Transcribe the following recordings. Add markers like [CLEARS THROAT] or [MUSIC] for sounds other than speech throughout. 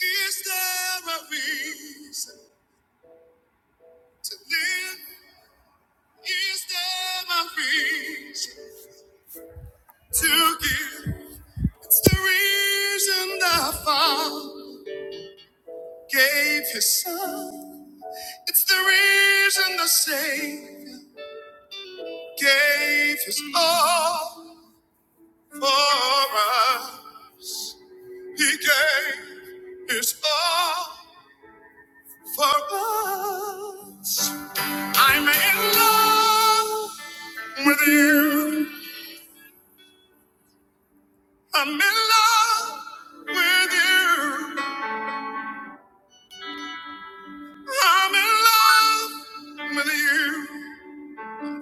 Is there a reason to live? Is there a reason to give? It's the reason the Father gave His Son. It's the reason the Savior gave His all for us. He gave His all for us. I'm in love with you. I'm in love with you. I'm in love with you.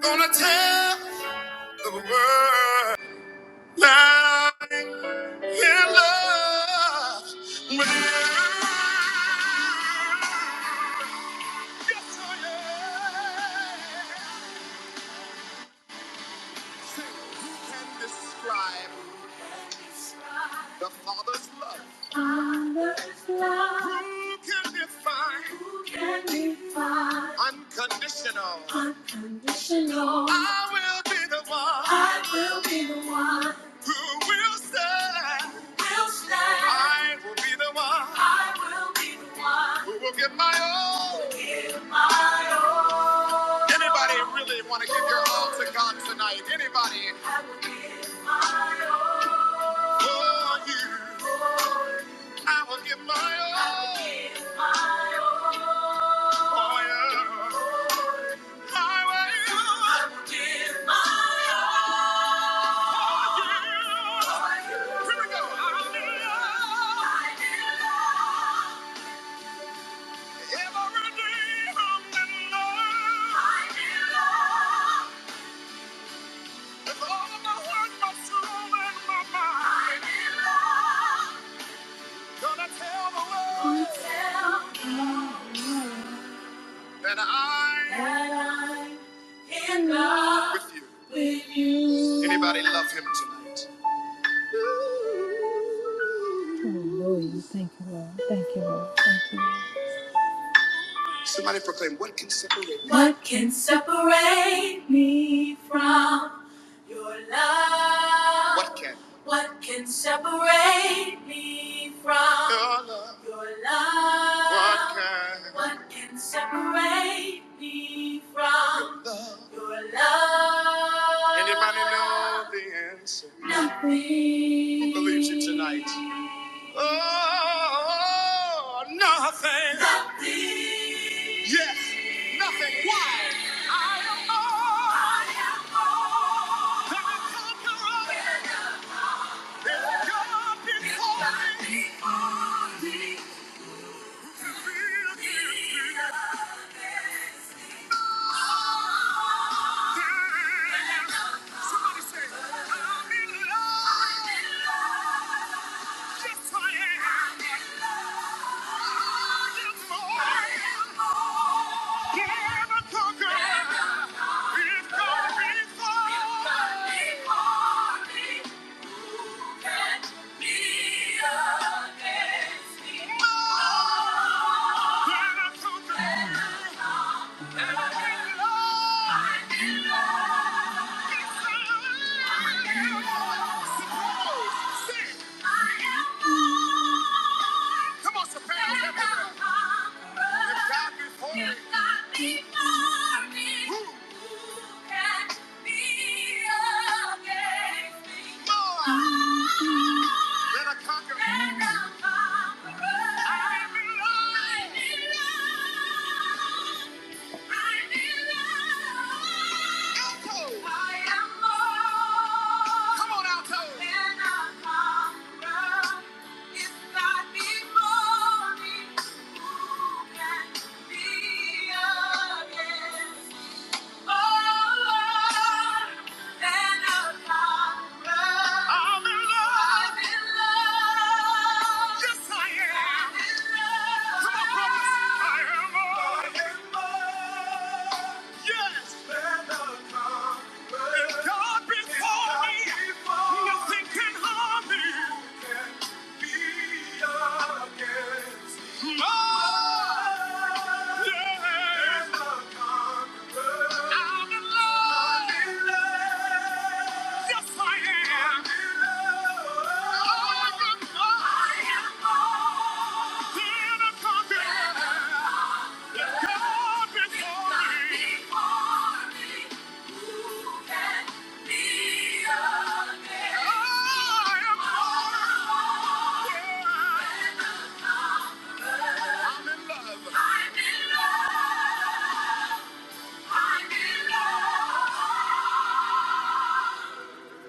Gonna tell the world that I'm in love with you. Yes, I am. Who can describe the Father's love? Father's love. Who can define? Who can define? Unconditional. Unconditional. I will be the one. I will be the one. Who will say? will stand. I will be the one. I will be the one. Who will give my all. Give my all. Anybody really want to give your all to God tonight? Anybody? I will give my all. For you. For you. I will give my all. I will give my all. For you. Tell the world. That I, that I am not with you. With you. Anybody love him tonight? Hallelujah. Thank you, Lord. Thank you, Lord. Thank you, Lord. Somebody proclaim, what can separate me? What can separate me from your love? What can? What can separate me from Your love. your love. What can? What can separate me from Your love. your love. Anybody know the answer? Nothing. Who believes it tonight? Oh, nothing. Nothing. Yes, nothing. Why? Oh, can I conquer all? it? If God be for me, will you be mine? Somebody say, I'm in love. Yes, I am. I am more than a conqueror. If God be for me, then I conquer. Come on, some parents have If God be for me, If God be for me, who can be against me? Lord, let a conqueror. And a conqueror. I'm in love. I'm Yes, I am. Come on, brothers. I am. Yes. If God be me, nothing can harm me. No, yeah. I'm in love. Yes, I am. I'm in love. Then I God be me, who can be against? I am for I'm in love. I'm in love. I'm in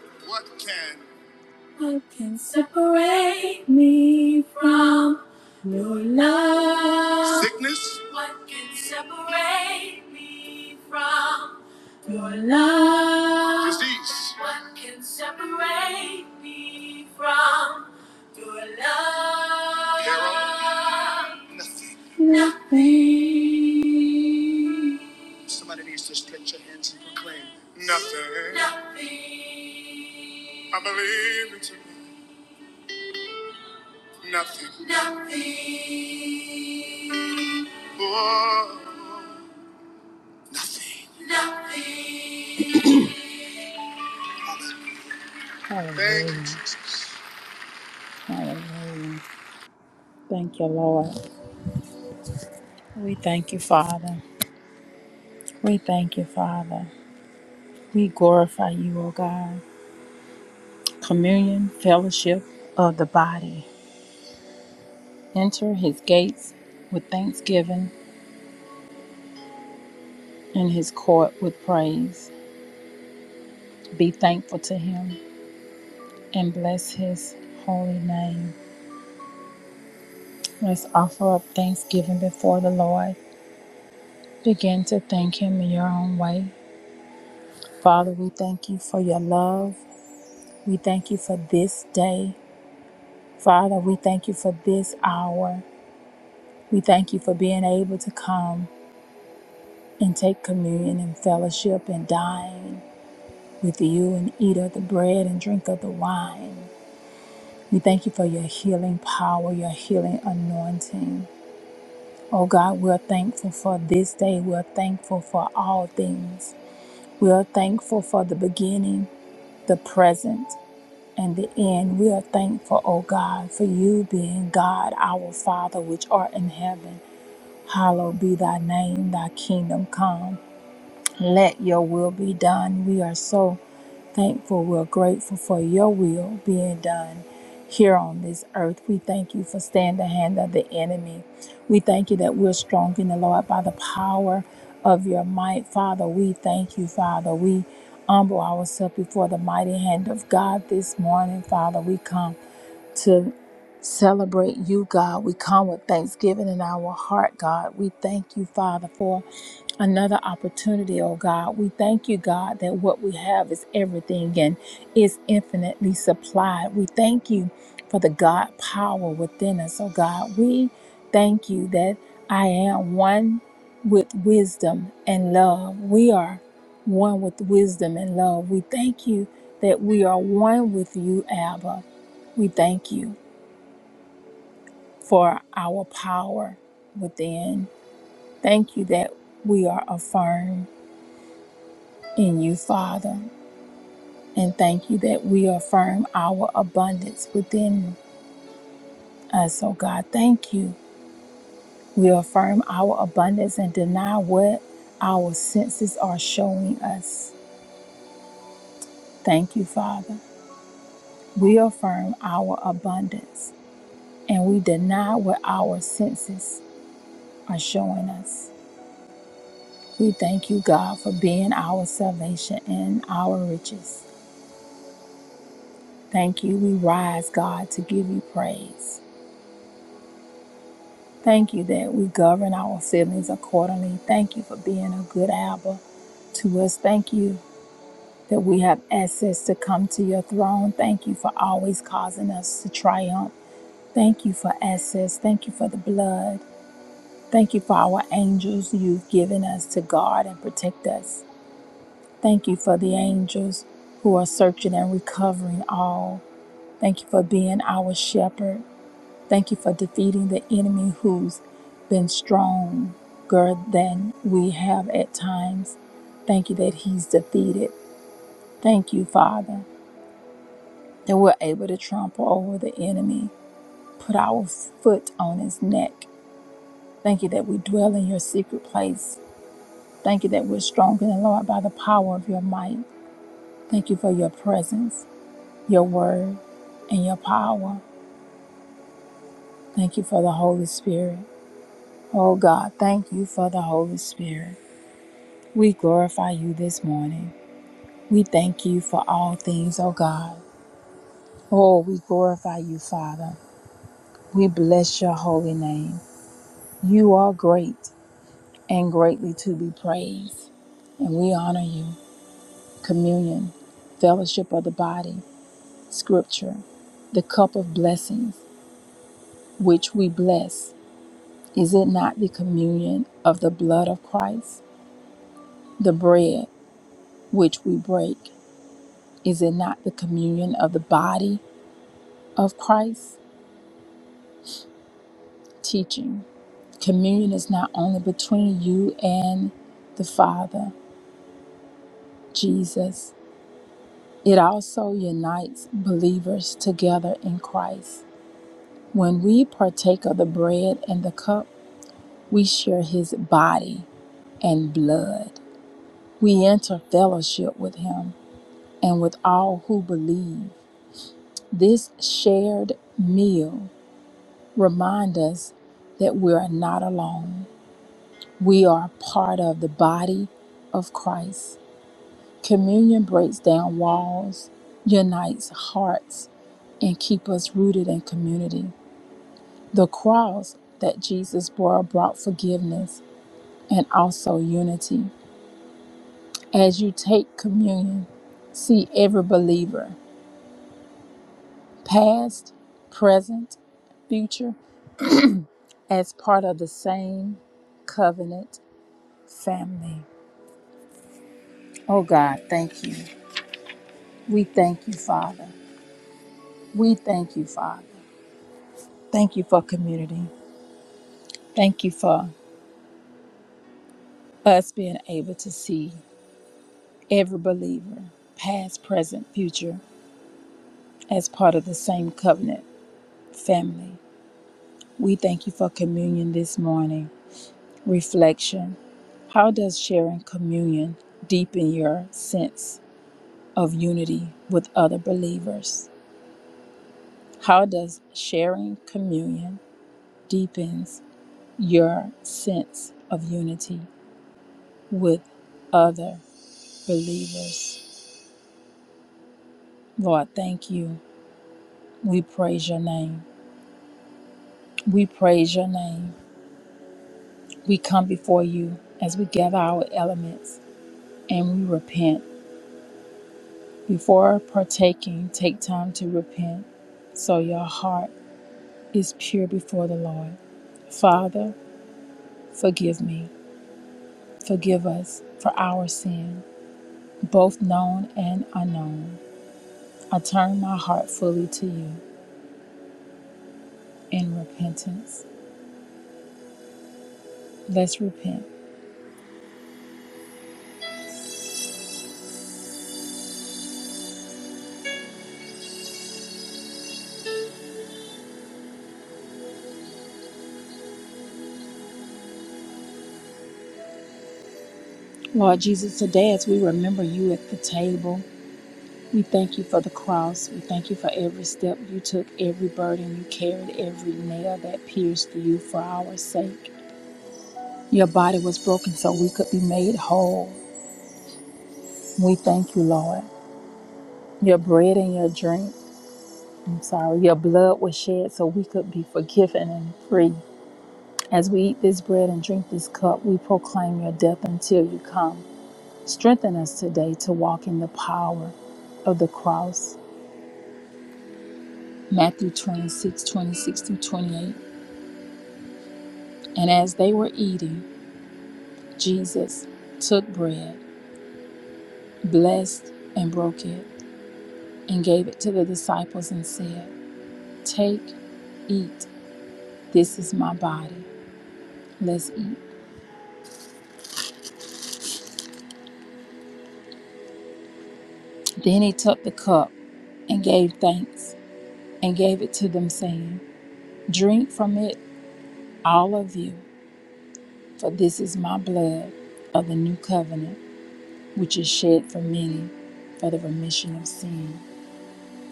love. What can who can separate me from your love? Sickness? What can separate me from your love? Disease? What can separate me from your love? Carol? Nothing. Put your hands and proclaim. Nothing. Nothing. I believe it. Nothing. Nothing. More. Nothing. Hallelujah. Thank you, Jesus. Hallelujah. Thank you, Lord. We thank you, Father. We thank you, Father. We glorify you, O God. Communion, fellowship of the body. Enter his gates with thanksgiving and his court with praise. Be thankful to him and bless his holy name. Let's offer up thanksgiving before the Lord. Begin to thank Him in your own way. Father, we thank you for your love. We thank you for this day. Father, we thank you for this hour. We thank you for being able to come and take communion and fellowship and dine with you and eat of the bread and drink of the wine. We thank you for your healing power, your healing anointing. Oh God, we're thankful for this day. We're thankful for all things. We're thankful for the beginning, the present, and the end. We are thankful, O God, for you being God, our Father, which art in heaven. Hallowed be thy name, thy kingdom come. Let your will be done. We are so thankful. We're grateful for your will being done here on this earth. We thank you for staying the hand of the enemy. We thank you that we're strong in the Lord by the power of your might. Father, we thank you, Father. We humble ourselves before the mighty hand of God this morning, Father. We come to celebrate you, God. We come with thanksgiving in our heart, God. We thank you, Father, for another opportunity, oh God. We thank you, God, that what we have is everything and is infinitely supplied. We thank you for the God power within us, oh God. We thank you that I am one with wisdom and love. We are one with wisdom and love. We thank you that we are one with you, Abba. We thank you for our power within. Thank you that we are affirmed. in you, Father. And thank you that we affirm our abundance within us, oh God. Thank you. We affirm our abundance and deny what our senses are showing us. Thank you, Father. We affirm our abundance and we deny what our senses are showing us. We thank you, God, for being our salvation and our riches. Thank you. We rise, God, to give you praise. Thank you that we govern our feelings accordingly. Thank you for being a good Abba to us. Thank you that we have access to come to your throne. Thank you for always causing us to triumph. Thank you for access. Thank you for the blood. Thank you for our angels you've given us to guard and protect us. Thank you for the angels who are searching and recovering all. Thank you for being our shepherd. Thank you for defeating the enemy who's been stronger than we have at times. Thank you that he's defeated. Thank you, Father, that we're able to trample over the enemy, put our foot on his neck. Thank you that we dwell in your secret place. Thank you that we're stronger than Lord by the power of your might. Thank you for your presence, your word, and your power. Thank you for the Holy Spirit. Oh God, thank you for the Holy Spirit. We glorify you this morning. We thank you for all things, O God. Oh, we glorify you, Father. We bless your holy name. You are great and greatly to be praised. And we honor you. Communion, fellowship of the body, scripture, the cup of blessings, which we bless. Is it not the communion of the blood of Christ? The bread, which we break. Is it not the communion of the body of Christ? teaching. Communion is not only between you and the Father, Jesus, it also unites believers together in Christ. When we partake of the bread and the cup, we share his body and blood. We enter fellowship with him and with all who believe. This shared meal reminds us that we are not alone. We are part of the body of Christ Communion breaks down walls, unites hearts, and keeps us rooted in community. The cross that Jesus bore brought forgiveness and also unity. As you take communion, see every believer, past, present, future, as part of the same covenant family. Oh God, thank you. We thank you, Father. We thank you, Father. Thank you for community. Thank you for us being able to see every believer, past, present, future, as part of the same covenant family. We thank you for communion this morning. Reflection How does sharing communion deepen your sense of unity with other believers? How does sharing communion deepens your sense of unity with other believers? Lord, thank you. We praise your name. We praise your name. We come before you as we gather our elements and we repent. Before partaking, take time to repent so your heart is pure before the Lord. Father, forgive me. Forgive us for our sin, both known and unknown. I turn my heart fully to you in repentance. Let's repent. Lord Jesus, today as we remember you at the table, We thank you for the cross. We thank you for every step you took, every burden you carried, every nail that pierced you for our sake. Your body was broken so we could be made whole. We thank you, Lord. Your bread and your drink, I'm sorry, your blood was shed so we could be forgiven and free. As we eat this bread and drink this cup, we proclaim your death until you come. Strengthen us today to walk in the power of the cross. Matthew 26, 26 through 28. And as they were eating, Jesus took bread, blessed and broke it, and gave it to the disciples and said, Take, eat, this is my body. Let's eat. Then he took the cup and gave thanks and gave it to them, saying, Drink from it, all of you, for this is my blood of the new covenant, which is shed for many for the remission of sin.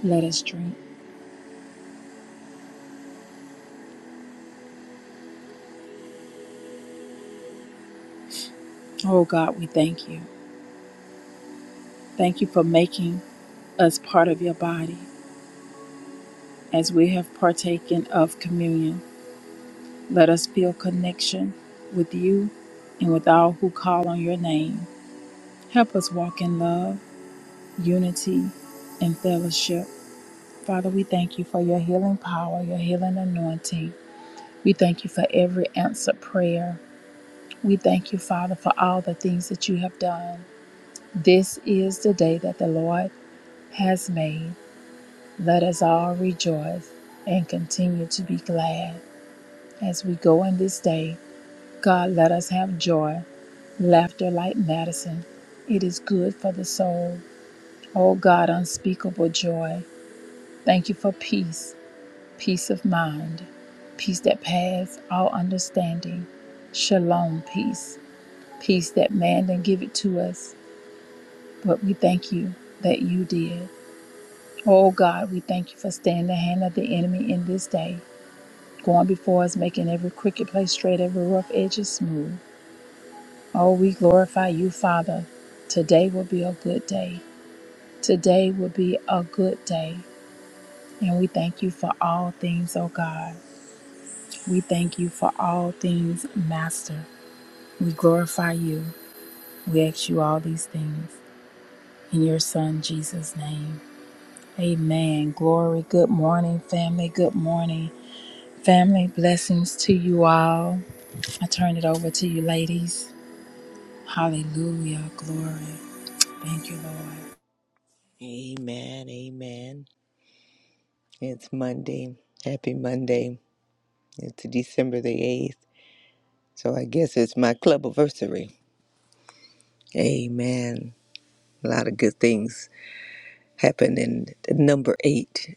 Let us drink. Oh God, we thank you. Thank you for making as part of your body. As we have partaken of communion, let us feel connection with you and with all who call on your name. Help us walk in love, unity, and fellowship. Father, we thank you for your healing power, your healing anointing. We thank you for every answered prayer. We thank you, Father, for all the things that you have done. This is the day that the Lord has made. Let us all rejoice and continue to be glad. As we go in this day, God, let us have joy, laughter like medicine. It is good for the soul. Oh God, unspeakable joy. Thank you for peace, peace of mind, peace that pass all understanding. Shalom, peace, peace that man didn't give it to us, but we thank you that you did. Oh God, we thank you for staying the hand of the enemy in this day, going before us, making every crooked place straight, every rough edge smooth. Oh, we glorify you, Father. Today will be a good day. Today will be a good day. And we thank you for all things, oh God. We thank you for all things, Master. We glorify you. We ask you all these things in your Son, Jesus' name. Amen. Glory. Good morning, family. Good morning. Family, blessings to you all. I turn it over to you, ladies. Hallelujah. Glory. Thank you, Lord. Amen. Amen. It's Monday. Happy Monday. It's December the 8th. So I guess it's my club anniversary. Amen. A lot of good things happen in the number eight,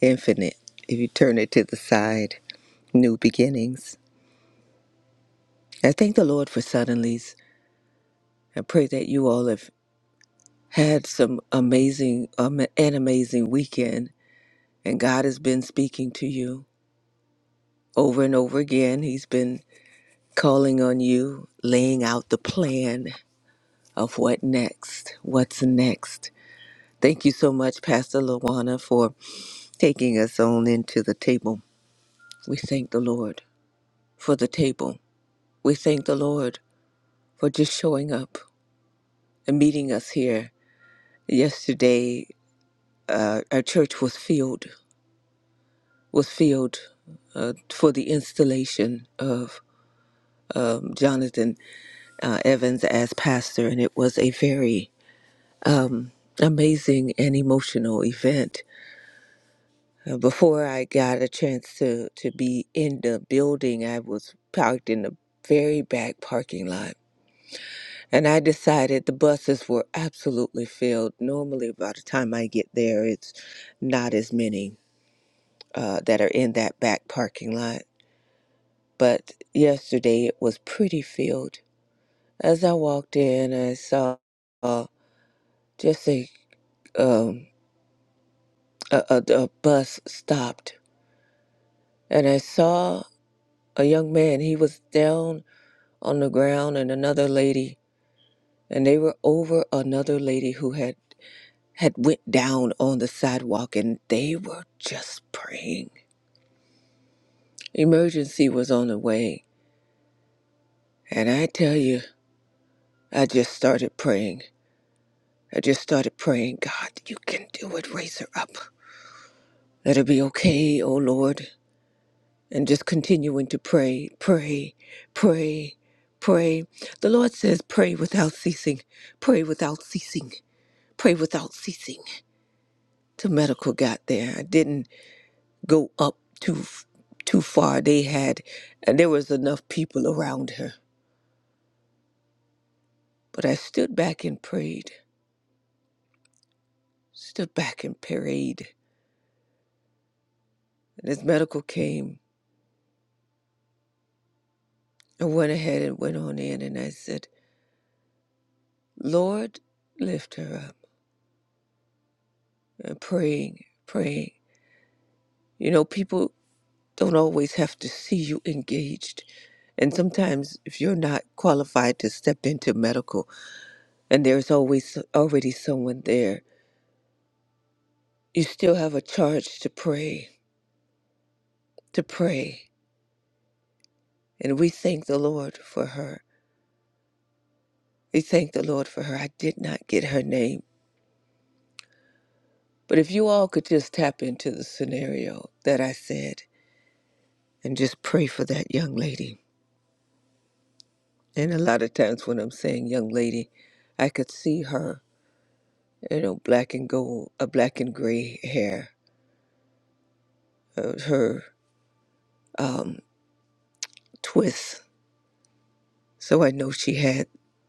infinite. If you turn it to the side, new beginnings. I thank the Lord for suddenlies. I pray that you all have had some amazing, um, an amazing weekend, and God has been speaking to you over and over again. He's been calling on you, laying out the plan of what next, what's next. Thank you so much, Pastor Lawana, for taking us on into the table. We thank the Lord for the table. We thank the Lord for just showing up and meeting us here. Yesterday, uh, our church was filled, was filled uh, for the installation of um, Jonathan uh, Evans as pastor, and it was a very amazing and emotional event. Uh, before I got a chance to, to be in the building, I was parked in the very back parking lot. And I decided the buses were absolutely filled. Normally, by the time I get there, it's not as many uh, that are in that back parking lot. But yesterday, it was pretty filled. As I walked in, I saw uh, just a, um, a, a, a bus stopped. And I saw a young man. He was down on the ground and another lady and they were over another lady who had had went down on the sidewalk and they were just praying. Emergency was on the way. And I tell you, I just started praying. I just started praying, God, you can do it. Raise her up. Let her be okay, oh Lord. And just continuing to pray, pray, pray, pray. The Lord says, pray without ceasing, pray without ceasing. Pray without ceasing. The medical got there. I didn't go up too too far. They had, and there was enough people around her. But I stood back and prayed. Stood back and prayed. And as medical came, I went ahead and went on in, and I said, "Lord, lift her up." And praying, praying. You know, people don't always have to see you engaged. And sometimes, if you're not qualified to step into medical, and there's always already someone there. You still have a charge to pray, to pray. And we thank the Lord for her. We thank the Lord for her. I did not get her name. But if you all could just tap into the scenario that I said and just pray for that young lady. And a lot of times when I'm saying young lady, I could see her, you know, black and gold, a black and gray hair, uh, her um, twists. So I know she had,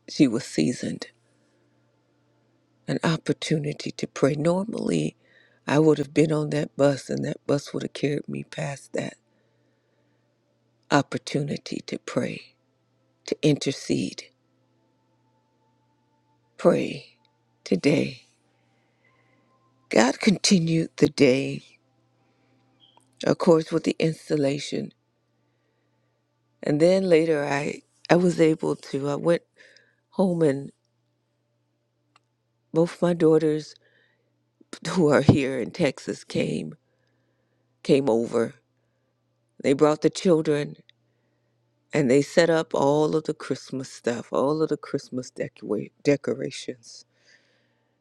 she was seasoned an opportunity to pray. Normally, I would have been on that bus and that bus would have carried me past that opportunity to pray, to intercede, pray today. God continued the day, of course, with the installation. And then later, I, I was able to, I went home and both my daughters [LAUGHS] who are here in Texas came, came over. They brought the children and they set up all of the Christmas stuff, all of the Christmas decora- decorations.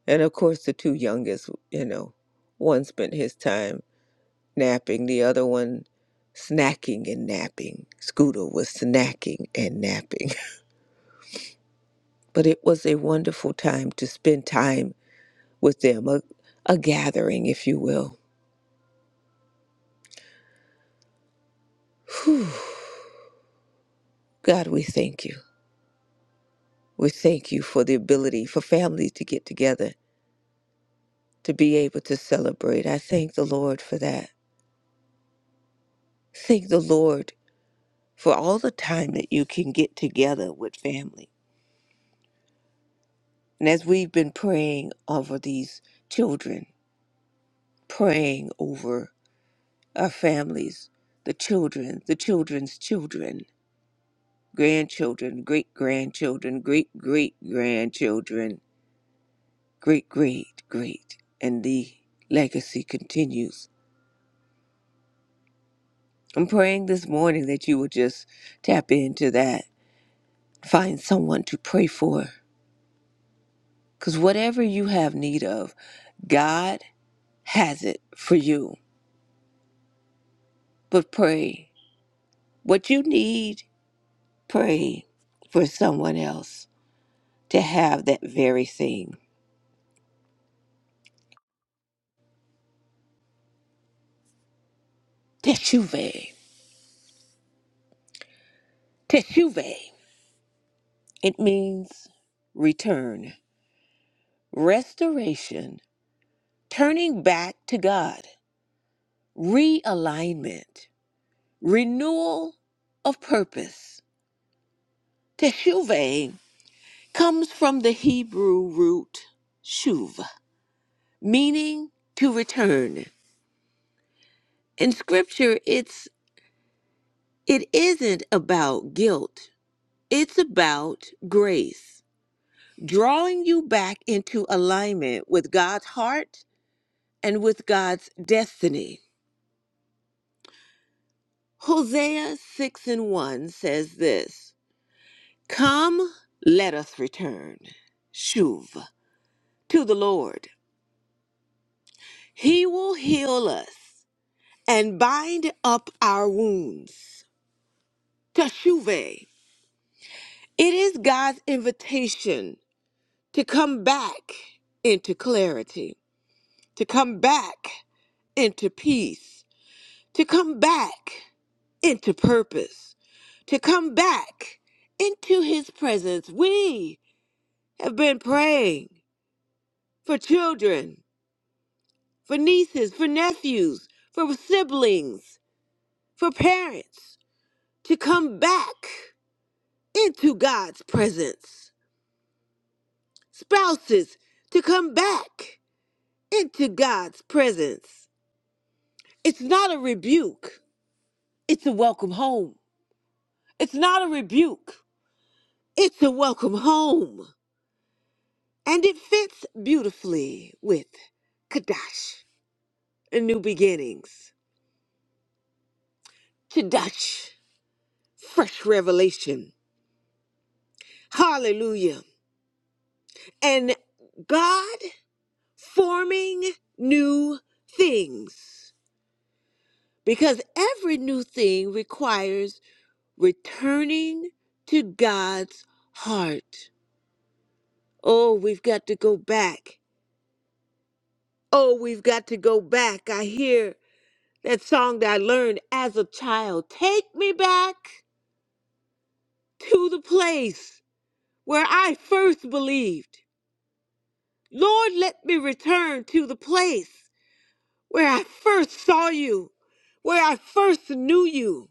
And of course, the two youngest, you know, one spent his time napping, the other one snacking and napping. Scooter was snacking and napping. [LAUGHS] But it was a wonderful time to spend time with them, a, a gathering, if you will. Whew. God, we thank you. We thank you for the ability for families to get together, to be able to celebrate. I thank the Lord for that. Thank the Lord for all the time that you can get together with family. And as we've been praying over these children, praying over our families, the children, the children's children, grandchildren, great grandchildren, great great grandchildren, great great great, and the legacy continues. I'm praying this morning that you will just tap into that, find someone to pray for Because whatever you have need of, God has it for you. But pray. What you need, pray for someone else to have that very thing. Teshuve. Teshuve. It means return, restoration, turning back to God, realignment, renewal of purpose. Teshuve comes from the Hebrew root shuv meaning to return. In scripture, it's it isn't about guilt. It's about grace, drawing you back into alignment with God's heart and with God's destiny. Hosea 6 and 1 says this Come, let us return, Shuv, to the Lord. He will heal us and bind up our wounds. Teshuve It is God's invitation to come back into clarity, to come back into peace, to come back into purpose, to come back into His presence. We have been praying for children, for nieces, for nephews, for siblings, for parents to come back into God's presence, spouses to come back into God's presence. It's not a rebuke, it's a welcome home. It's not a rebuke, it's a welcome home. And it fits beautifully with Kadash, new beginnings, Kadash, fresh revelation. Hallelujah. And God forming new things. Because every new thing requires returning to God's heart. Oh, we've got to go back. Oh, we've got to go back. I hear that song that I learned as a child. Take me back to the place where I first believed. Lord, let me return to the place where I first saw you, where I first knew you.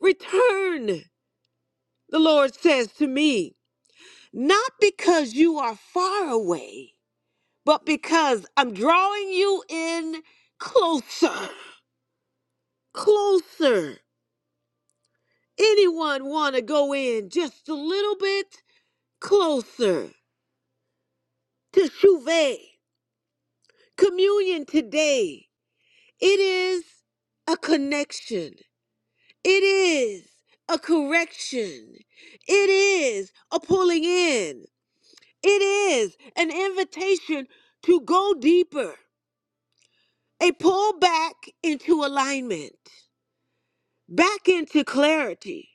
Return, the Lord says to me, not because you are far away, but because I'm drawing you in closer. closer. Anyone want to go in just a little bit closer to Shuveh? Communion today. It is a connection. It is a correction. It is a pulling in. It is an invitation to go deeper, a pull back into alignment, back into clarity,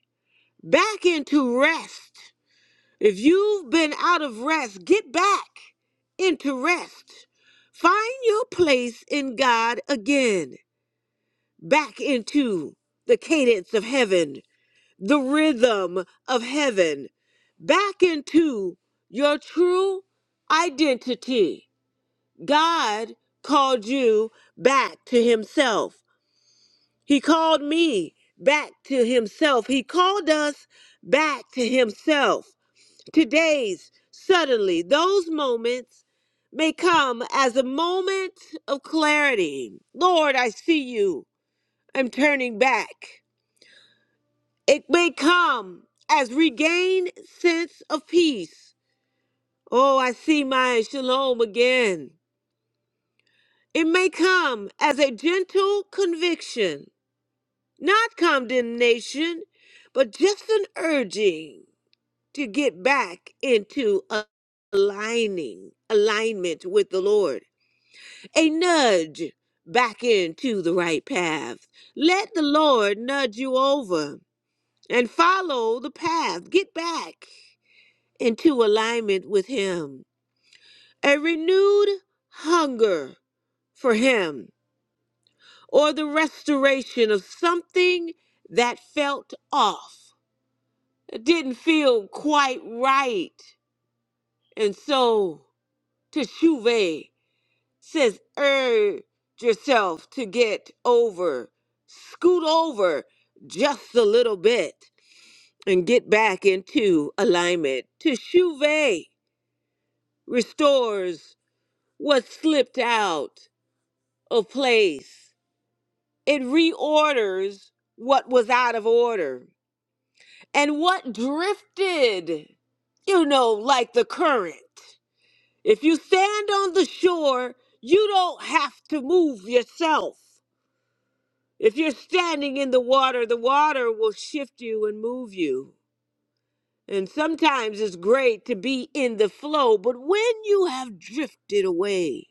back into rest If you've been out of rest, get back into rest. Find your place in God again, back into the cadence of heaven, the rhythm of heaven, back into your true identity. God called you back to Himself. He called me back to Himself. He called us back to Himself. Today's suddenly, those moments may come as a moment of clarity. Lord, I see you. I'm turning back. It may come as regained sense of peace. Oh, I see my shalom again. It may come as a gentle conviction, not condemnation, but just an urging. to get back into aligning, alignment with the Lord, a nudge back into the right path. Let the Lord nudge you over and follow the path. Get back into alignment with Him. A renewed hunger for Him or the restoration of something that felt off, It didn't feel quite right. And so, to Shuve. says urge yourself to get over, scoot over just a little bit and get back into alignment. To Shuve restores what slipped out of place. It reorders what was out of order and what drifted, you know, like the current. If you stand on the shore, you don't have to move yourself If you're standing in the water, the water will shift you and move you. And sometimes it's great to be in the flow, but when you have drifted away,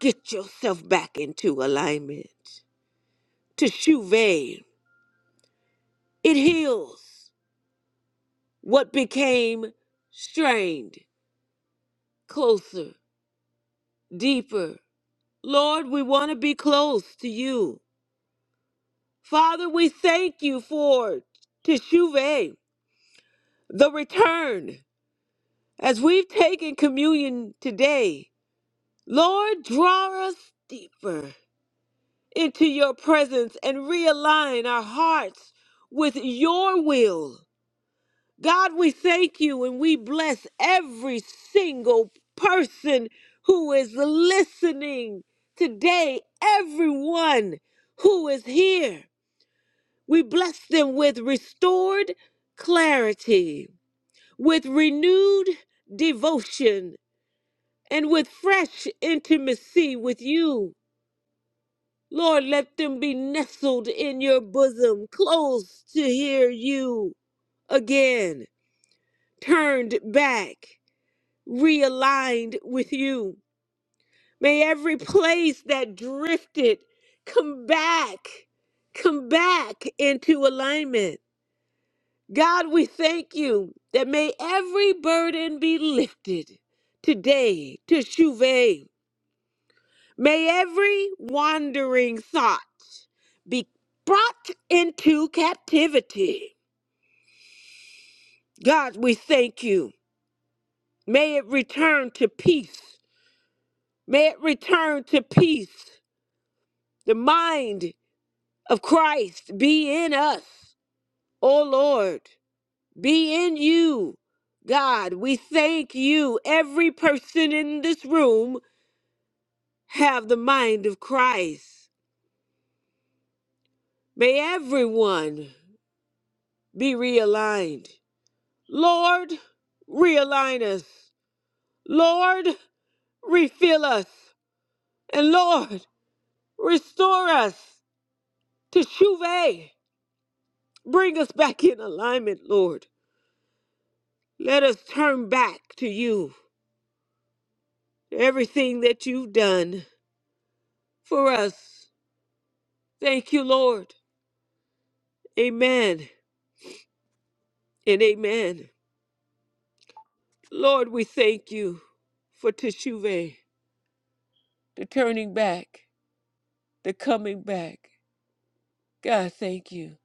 get yourself back into alignment. Teshuvah it heals what became strained, closer, deeper. Lord, we want to be close to you. Father, we thank you for teshuvah, the return. As we've taken communion today, Lord, draw us deeper into your presence and realign our hearts with your will. God, we thank you and we bless every single person who is listening today, everyone who is here. We bless them with restored clarity, with renewed devotion and with fresh intimacy with you. Lord, let them be nestled in your bosom, close to hear you again, turned back, realigned with you. May every place that drifted come back, come back into alignment. God, we thank you that may every burden be lifted today to Shuve. May every wandering thought be brought into captivity. God, we thank you. May it return to peace. May it return to peace. The mind of Christ be in us, O Lord, be in you. God, we thank you. Every person in this room have the mind of Christ. May everyone be realigned. Lord, realign us. Lord, refill us. And Lord, restore us to Shuvah. Bring us back in alignment, Lord. Let us turn back to you. Everything that you've done for us. Thank you, Lord. Amen and amen. Lord, we thank you for Teshuvah, the turning back, the coming back. God, thank you.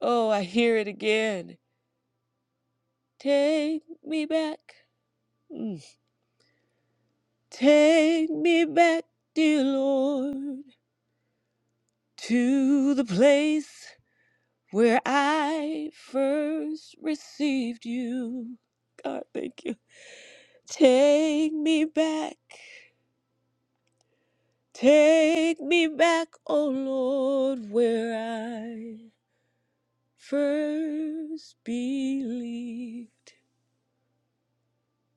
Oh, I hear it again. Take me back. Mm. Take me back, dear Lord, to the place where I first received you. God, thank you. Take me back. Take me back, oh Lord, where I first believed.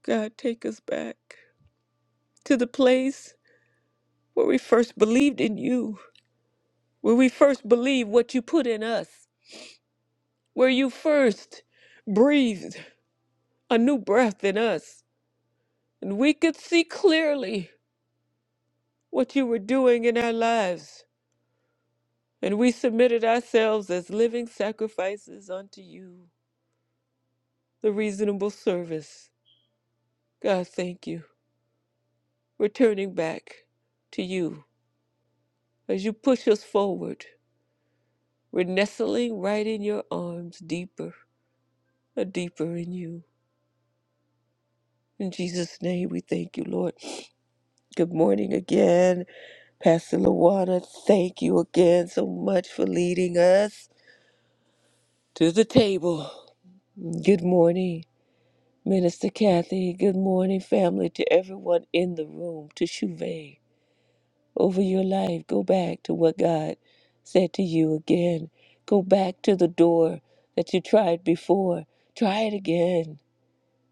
God, take us back to the place where we first believed in you. Where we first believe what you put in us, where you first breathed a new breath in us, and we could see clearly what you were doing in our lives, and we submitted ourselves as living sacrifices unto you, the reasonable service. God, thank you. We're turning back to you as you push us forward. We're nestling right in your arms, deeper, uh, deeper in you. In Jesus' name, we thank you, Lord. Good morning again, Pastor Luana. Thank you again so much for leading us to the table. Good morning, Minister Kathy. Good morning, family, to everyone in the room, to Shuve. Over your life, go back to what God said to you again. Go back to the door that you tried before. Try it again.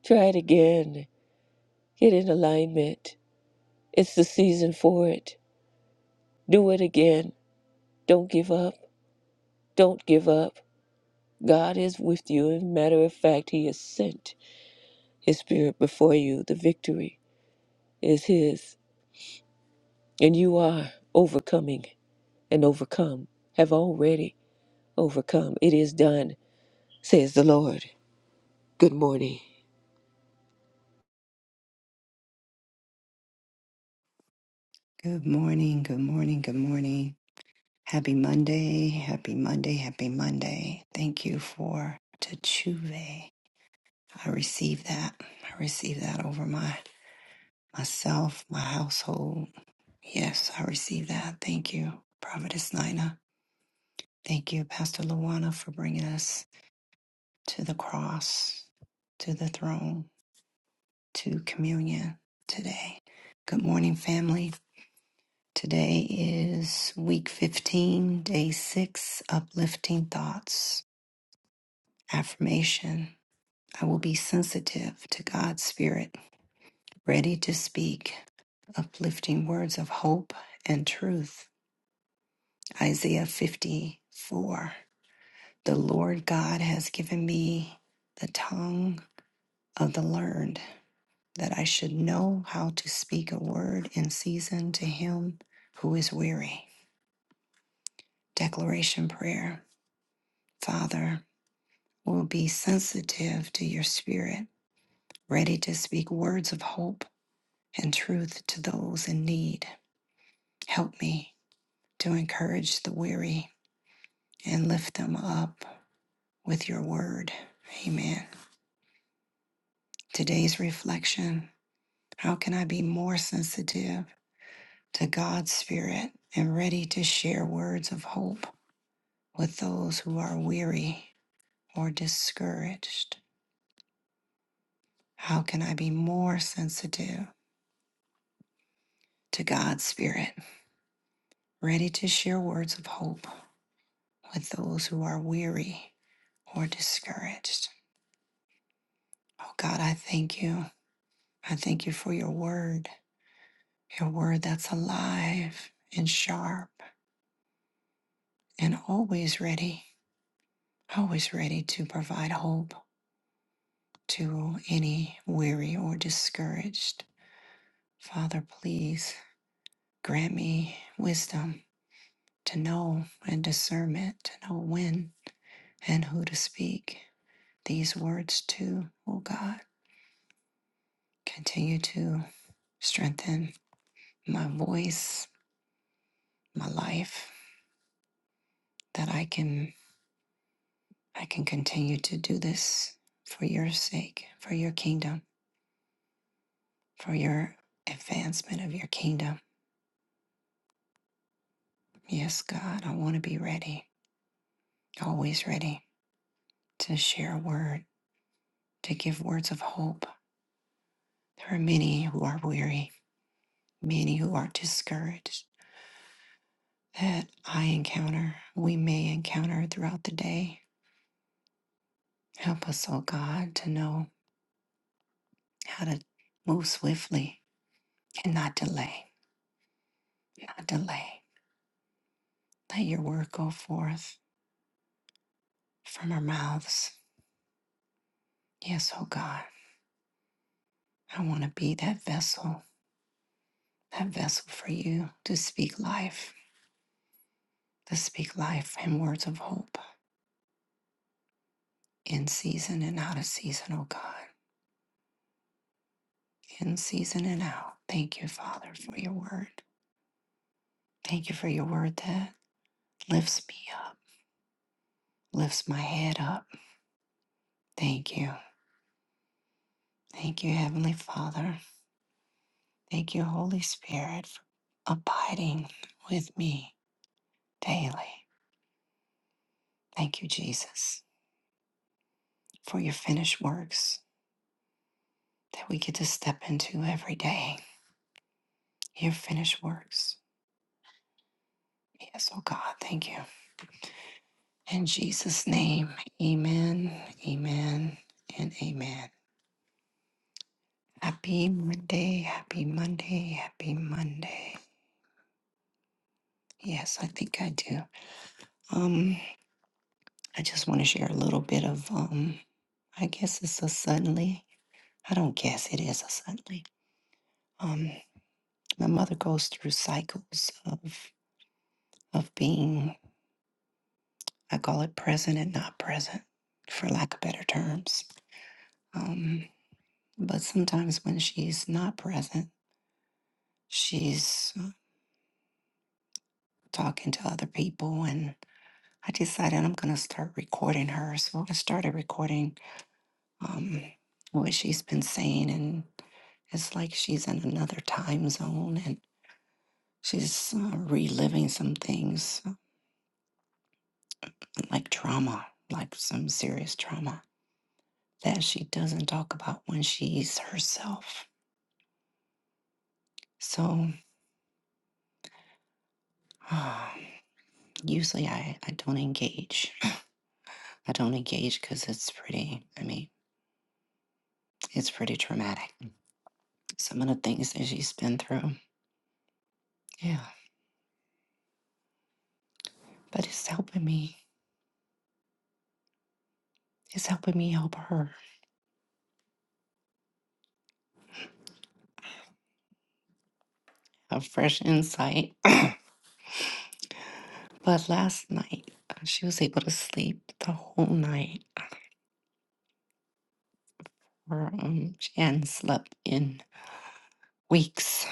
Try it again. Get in alignment. It's the season for it. Do it again. Don't give up. Don't give up. God is with you. As a matter of fact, He has sent His Spirit before you. The victory is His, and you are overcoming and overcome, have already overcome. It is done, says the Lord. Good morning. Good morning, good morning, good morning. Happy Monday, happy Monday, happy Monday. Thank you for Techuve. I receive that. I receive that over my myself, my household. Yes, I receive that. Thank you, Prophetess Nina. Thank you, Pastor Luana, for bringing us to the cross, to the throne, to communion today. Good morning, family. Today is week 15, day 6, uplifting thoughts. Affirmation I will be sensitive to God's Spirit, ready to speak uplifting words of hope and truth. Isaiah 54 The Lord God has given me the tongue of the learned, that I should know how to speak a word in season to him who is weary. Declaration Prayer. Father, will be sensitive to your spirit, ready to speak words of hope and truth to those in need. Help me to encourage the weary and lift them up with your word. Amen. Today's reflection How can I be more sensitive to God's spirit and ready to share words of hope with those who are weary or discouraged? How can I be more sensitive to God's spirit? ready to share words of hope with those who are weary or discouraged. Oh God, I thank you. I thank you for your word, your word that's alive and sharp and always ready, always ready to provide hope to any weary or discouraged. Father, please grant me wisdom to know and discernment to know when and who to speak these words to, oh God. Continue to strengthen my voice, my life, that I can I can continue to do this for your sake, for your kingdom, for your advancement of your kingdom. Yes, God, I want to be ready, always ready to share a word, to give words of hope. There are many who are weary, many who are discouraged that I encounter, we may encounter throughout the day. Help us, oh God, to know. how to move swiftly and not delay, not delay. Let your word go forth from our mouths. Yes, oh God, I want to be that vessel, that vessel for you to speak life, to speak life and words of hope in season and out of season, oh God, in season and out. Thank you, Father, for your word. Thank you for your word that lifts me up, lifts my head up. Thank you. Thank you, Heavenly Father. Thank you, Holy Spirit, for abiding with me daily. Thank you, Jesus, for your finished works that we get to step into every day. Your finished works. Yes, oh God, thank you. In Jesus' name, amen, amen, and amen. Happy Monday, happy Monday, happy Monday. Yes, I think I do. Um, I just want to share a little bit of um, I guess it's a suddenly. I don't guess it is a Sunday. Um, my mother goes through cycles of of being. I call it present and not present, for lack of better terms. Um, but sometimes when she's not present, she's uh, talking to other people, and I decided I'm gonna start recording her. So I started recording um, what she's been saying, and it's like she's in another time zone, and she's uh, reliving some things So like trauma, like some serious trauma that she doesn't talk about when she's herself. So [SIGHS] uh, usually I, I don't engage. [SIGHS] I don't engage because it's pretty, I mean, it's pretty traumatic. Some of the things that she's been through. Yeah. But it's helping me. It's helping me help her. A fresh insight. [CLEARS THROAT] but last night, uh, she was able to sleep the whole night. Or um, she hadn't slept in weeks,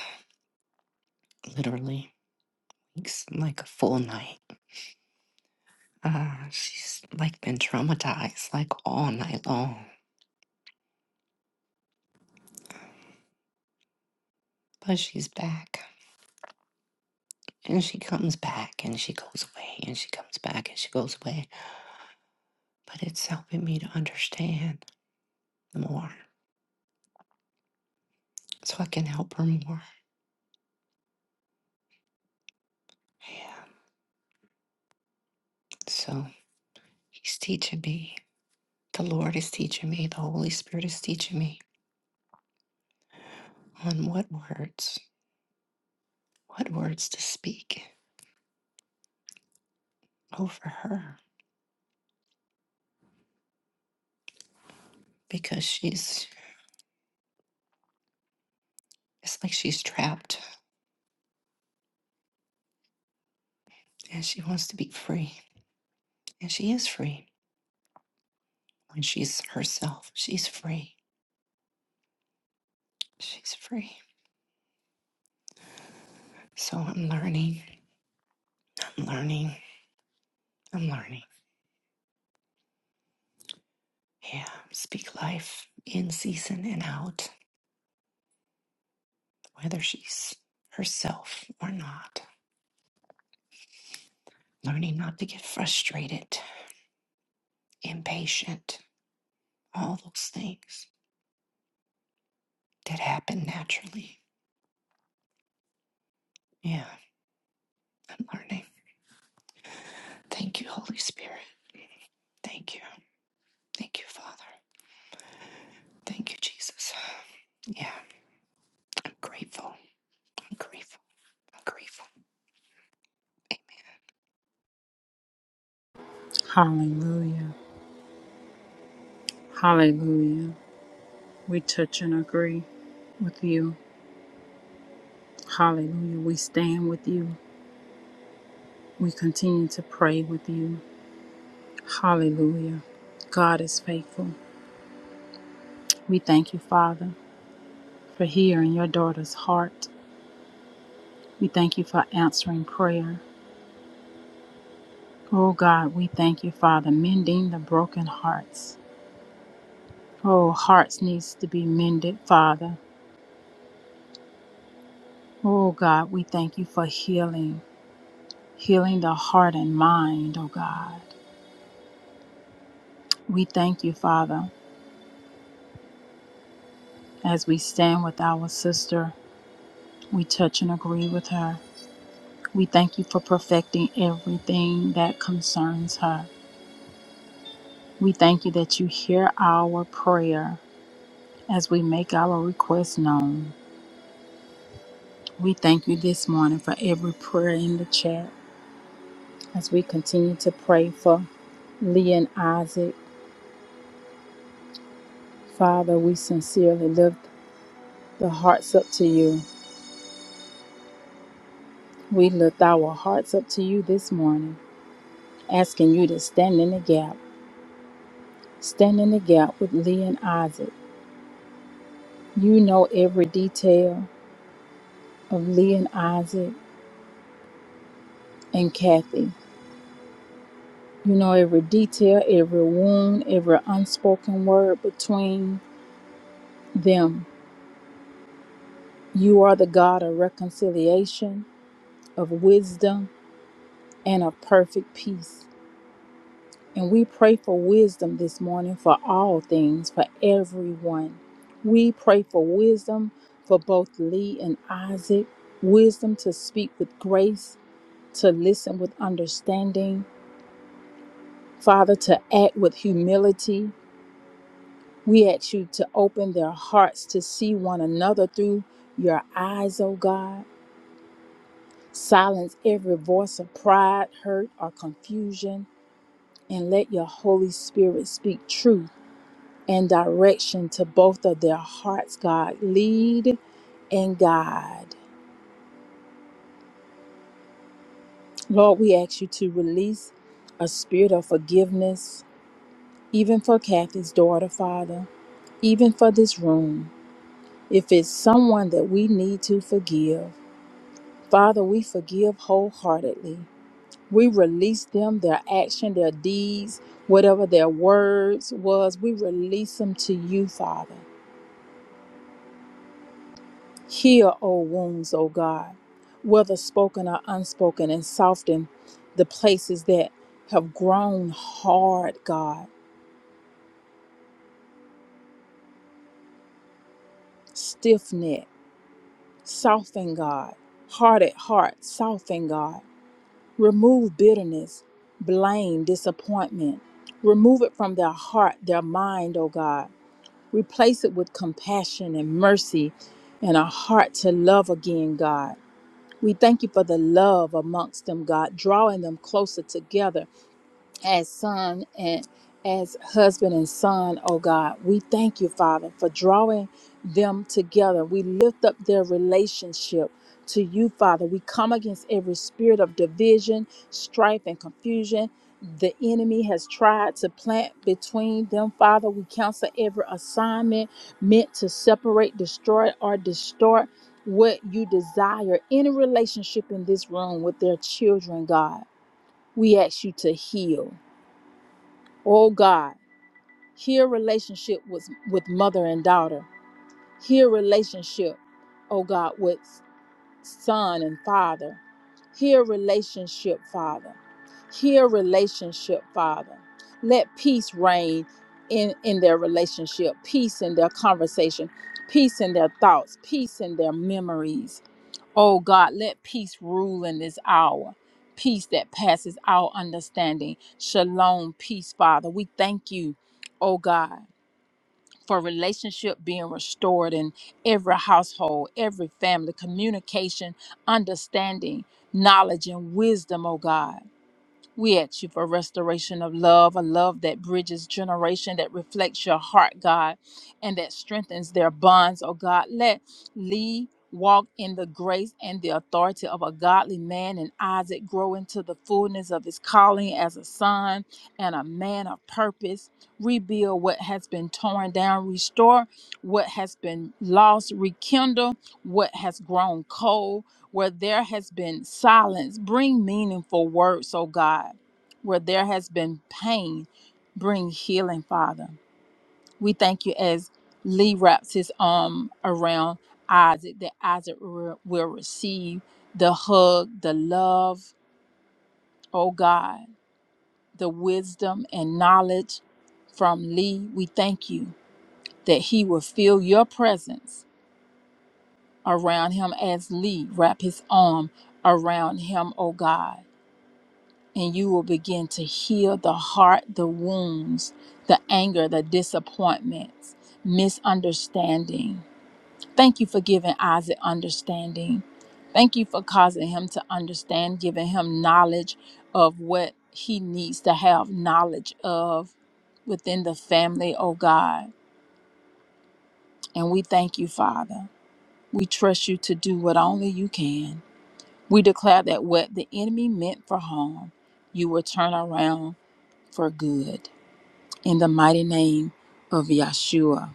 literally It's like a full night. Uh, she's like been traumatized like all night long, but she's back and she comes back and she goes away and she comes back and she goes away. But it's helping me to understand more so I can help her more. Yeah, so he's teaching me. The Lord is teaching me. The Holy Spirit is teaching me on what words, what words to speak over her because she's, it's like she's trapped and she wants to be free And she is free. When she's herself, she's free. She's free. So I'm learning. I'm learning. I'm learning. Yeah. Speak life in season and out, whether she's herself or not. Learning not to get frustrated, impatient, all those things that happen naturally. Yeah. I'm learning. Thank you, Holy Spirit. Thank you. Thank you, Father. Thank you, Jesus. Yeah. I'm grateful. I'm grateful. I'm grateful. Hallelujah. Hallelujah. We touch and agree with you. Hallelujah. We stand with you. We continue to pray with you. Hallelujah. God is faithful. We thank you, Father, for hearing your daughter's heart. We thank you for answering prayer. Oh God, we thank you, Father, mending the broken hearts. Oh, hearts needs to be mended, Father. Oh God, we thank you for healing, healing the heart and mind, oh God. We thank you, Father. As we stand with our sister, we touch and agree with her. We thank you for perfecting everything that concerns her. We thank you that you hear our prayer as we make our requests known. We thank you this morning for every prayer in the chat as we continue to pray for Leah and Isaac. Father, we sincerely lift the hearts up to you. We lift our hearts up to you this morning, asking you to stand in the gap Stand in the gap with Lee and Isaac. You know every detail of Lee and Isaac and Kathy. You know every detail, every wound, every unspoken word between them. You are the God of reconciliation, of wisdom, and of perfect peace. And we pray for wisdom this morning for all things, for everyone. We pray for wisdom for both Lee and Isaac, wisdom to speak with grace to listen with understanding, Father, to act with humility. We ask you to open their hearts to see one another through your eyes, O God. Silence every voice of pride, hurt, or confusion, and let your Holy Spirit speak truth and direction to both of their hearts, God. Lead and guide. Lord, we ask you to release a spirit of forgiveness, even for Kathy's daughter, Father. even for this room. If it's someone that we need to forgive, Father, we forgive wholeheartedly. We release them, their action, their deeds, whatever their words was, we release them to you, Father. Heal, O wounds, O God, whether spoken or unspoken, and soften the places that have grown hard, God, stiff neck, soften, God, hard at heart, soften, God. Remove bitterness, blame, disappointment. Remove it from their heart, their mind, O God. Replace it with compassion and mercy and a heart to love again, God. We thank you for the love amongst them, God, drawing them closer together as son and as husband and son, oh God. We thank you, Father, for drawing them together. We lift up their relationship to you, Father. We come against every spirit of division, strife, and confusion. The enemy has tried to plant between them, Father. We cancel every assignment meant to separate, destroy, or distort what you desire. Any relationship in this room with their children, God, we ask you to heal. Oh God, heal relationship with, with mother and daughter. Heal relationship, oh God, with son and father. Heal relationship, Father. Heal relationship, Father. Let peace reign in, in their relationship, peace in their conversation, peace in their thoughts, peace in their memories. Oh God, let peace rule in this hour. Peace that passes our understanding. Shalom, peace, Father. We thank you, oh God for relationship being restored in every household, every family, communication, understanding, knowledge, and wisdom, oh God. We ask you for restoration of love, a love that bridges generation, that reflects your heart, God, and that strengthens their bonds, oh God. Let Lee walk in the grace and the authority of a godly man and Isaac grow into the fullness of his calling as a son and a man of purpose. Rebuild what has been torn down, restore what has been lost, rekindle what has grown cold where there has been silence, bring meaningful words, oh God. Where there has been pain, bring healing, Father. We thank you as Lee wraps his arm around Isaac, that Isaac re- will receive the hug, the love, oh God, the wisdom and knowledge from Lee. We thank you that he will feel your presence around him as Lee wrap his arm around him, oh God and you will begin to heal the heart, the wounds, the anger, the disappointments, misunderstanding. Thank you for giving Isaac understanding. Thank you for causing him to understand, giving him knowledge of what he needs to have knowledge of within the family, oh God. And we thank you, Father. We trust you to do what only you can. We declare that what the enemy meant for harm, you will turn around for good. In the mighty name of Yeshua,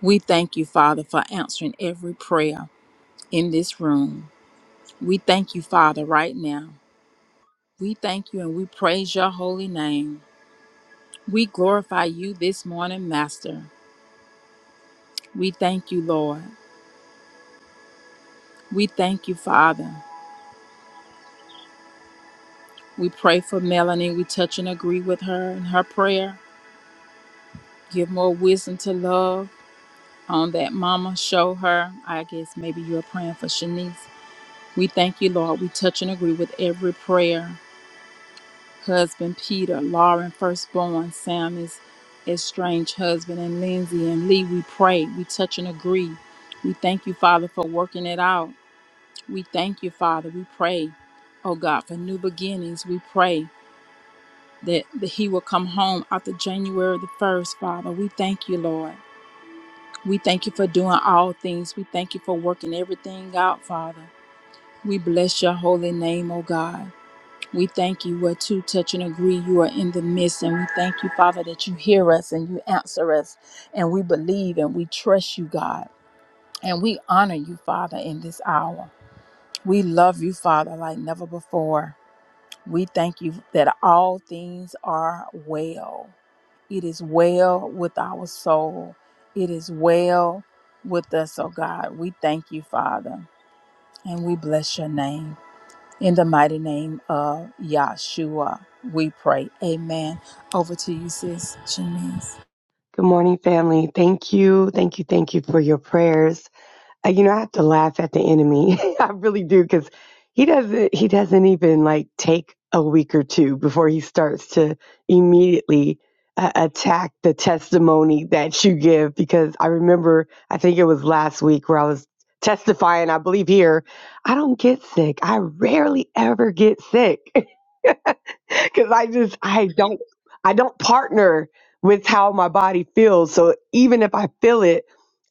we thank you, Father, for answering every prayer in this room. We thank you, Father, right now. We thank you and we praise your holy name. We glorify you this morning, Master. We thank you, Lord. We thank you, Father. We pray for Melanie. We touch and agree with her in her prayer. Give more wisdom to love on that mama. Show her. I guess maybe you're praying for Shanice. We thank you, Lord. We touch and agree with every prayer. Husband Peter, Lauren, firstborn, Sam is estranged husband, and Lindsay and Lee, we pray. We touch and agree. We thank you, Father, for working it out. We thank you, Father. We pray, oh God, for new beginnings. We pray that, that he will come home after January the 1st, Father. We thank you, Lord. We thank you for doing all things. We thank you for working everything out, Father. We bless your holy name, oh God. We thank you where two touch and agree you are in the midst. And we thank you, Father, that you hear us and you answer us. And we believe and we trust you, God. And we honor you, Father, in this hour. We love you, Father, like never before. We thank you that all things are well. It is well with our soul. It is well with us, oh God. We thank you, Father, and we bless your name. In the mighty name of Yahshua, we pray. Amen. Over to you, sis Janice. Good morning, family. Thank you. Thank you. Thank you for your prayers. Uh, you know, I have to laugh at the enemy. [LAUGHS] I really do because he doesn't, he doesn't even like take a week or two before he starts to immediately uh, attack the testimony that you give. Because I remember, I think it was last week where I was testifying, I believe here, I don't get sick. I rarely ever get sick. [LAUGHS] [LAUGHS] because I just I don't I don't partner with how my body feels. So even if I feel it,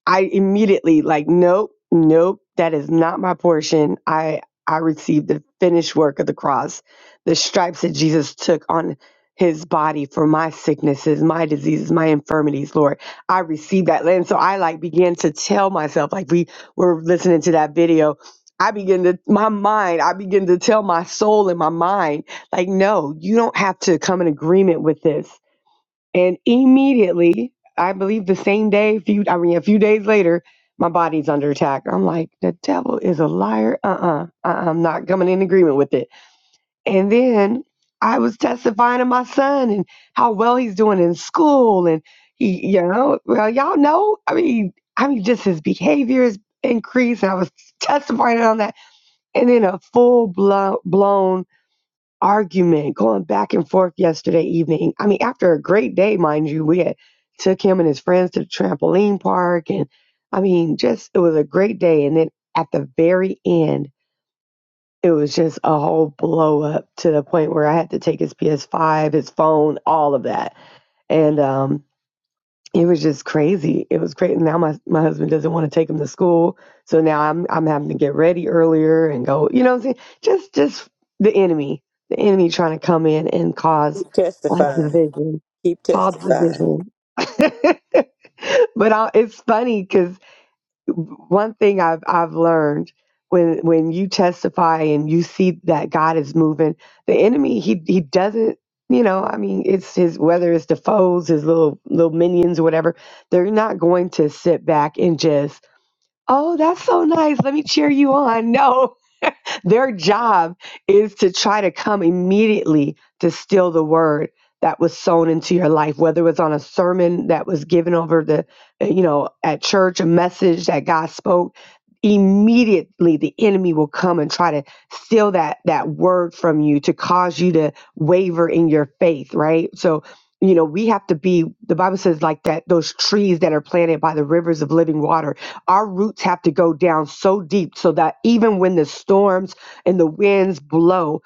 I immediately like nope, nope, that is not my portion. I I received the finished work of the cross, the stripes that Jesus took on his body for my sicknesses, my diseases, my infirmities, Lord. I received that. And so I like began to tell myself, like we were listening to that video. I begin to my mind, I begin to tell my soul and my mind like, no, you don't have to come in agreement with this. And immediately, I believe the same day, a few, I mean, a few days later, my body's under attack. I'm like, the devil is a liar. Uh-uh. uh I'm not coming in agreement with it. And then I was testifying to my son and how well he's doing in school. And he, you know, well, y'all know, I mean, I mean, just his behavior has increased. And I was testifying on that. And then a full blown, blown argument going back and forth yesterday evening. I mean, after a great day, mind you, we had took him and his friends to the trampoline park and I mean, just it was a great day. And then at the very end, it was just a whole blow up to the point where I had to take his PS5, his phone, all of that. And um it was just crazy. It was crazy. Now my my husband doesn't want to take him to school, so now I'm I'm having to get ready earlier and go. You know, what I'm saying just just the enemy, the enemy trying to come in and cause Keep like testifying. division, Keep cause testifying. division. [LAUGHS] but I, it's funny because one thing I've I've learned when when you testify and you see that God is moving, the enemy he he doesn't you know I mean it's his whether it's the foes his little little minions or whatever they're not going to sit back and just oh that's so nice let me cheer you on [LAUGHS] no [LAUGHS] Their job is to try to come immediately to steal the word that was sown into your life, whether it was on a sermon that was given over the, uh, you know, at church, a message that God spoke. Immediately, the enemy will come and try to steal that that word from you to cause you to waver in your faith, right? So, you know, we have to be. The Bible says like that; those trees that are planted by the rivers of living water our roots have to go down so deep so that even when the storms and the winds blow.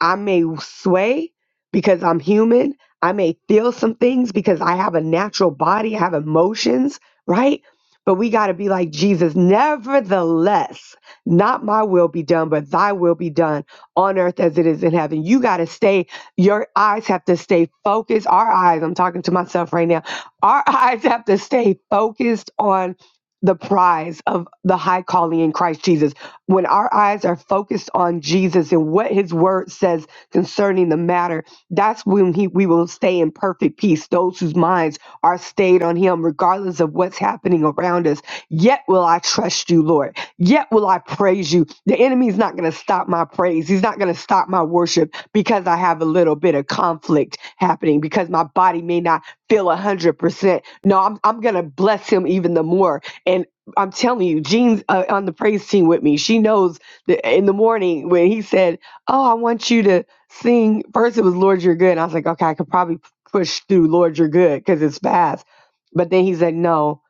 I may sway because I'm human. I may feel some things because I have a natural body, I have emotions, right? But we got to be like Jesus. Nevertheless, not my will be done, but thy will be done on earth as it is in heaven. You got to stay, your eyes have to stay focused. Our eyes, I'm talking to myself right now, our [LAUGHS] eyes have to stay focused on the prize of the high calling in Christ Jesus when our eyes are focused on Jesus and what his word says concerning the matter, that's when he, we will stay in perfect peace. Those whose minds are stayed on him, regardless of what's happening around us. Yet will I trust you, Lord. Yet will I praise you. The enemy is not going to stop my praise. He's not going to stop my worship because I have a little bit of conflict happening because my body may not feel 100%. No, I'm, I'm going to bless him even the more and. I'm telling you, Jean's uh, on the praise team with me. She knows that in the morning when he said, "Oh, I want you to sing." First, it was "Lord, You're Good," and I was like, "Okay, I could probably push through "Lord, You're Good" because it's fast." But then he said, "No,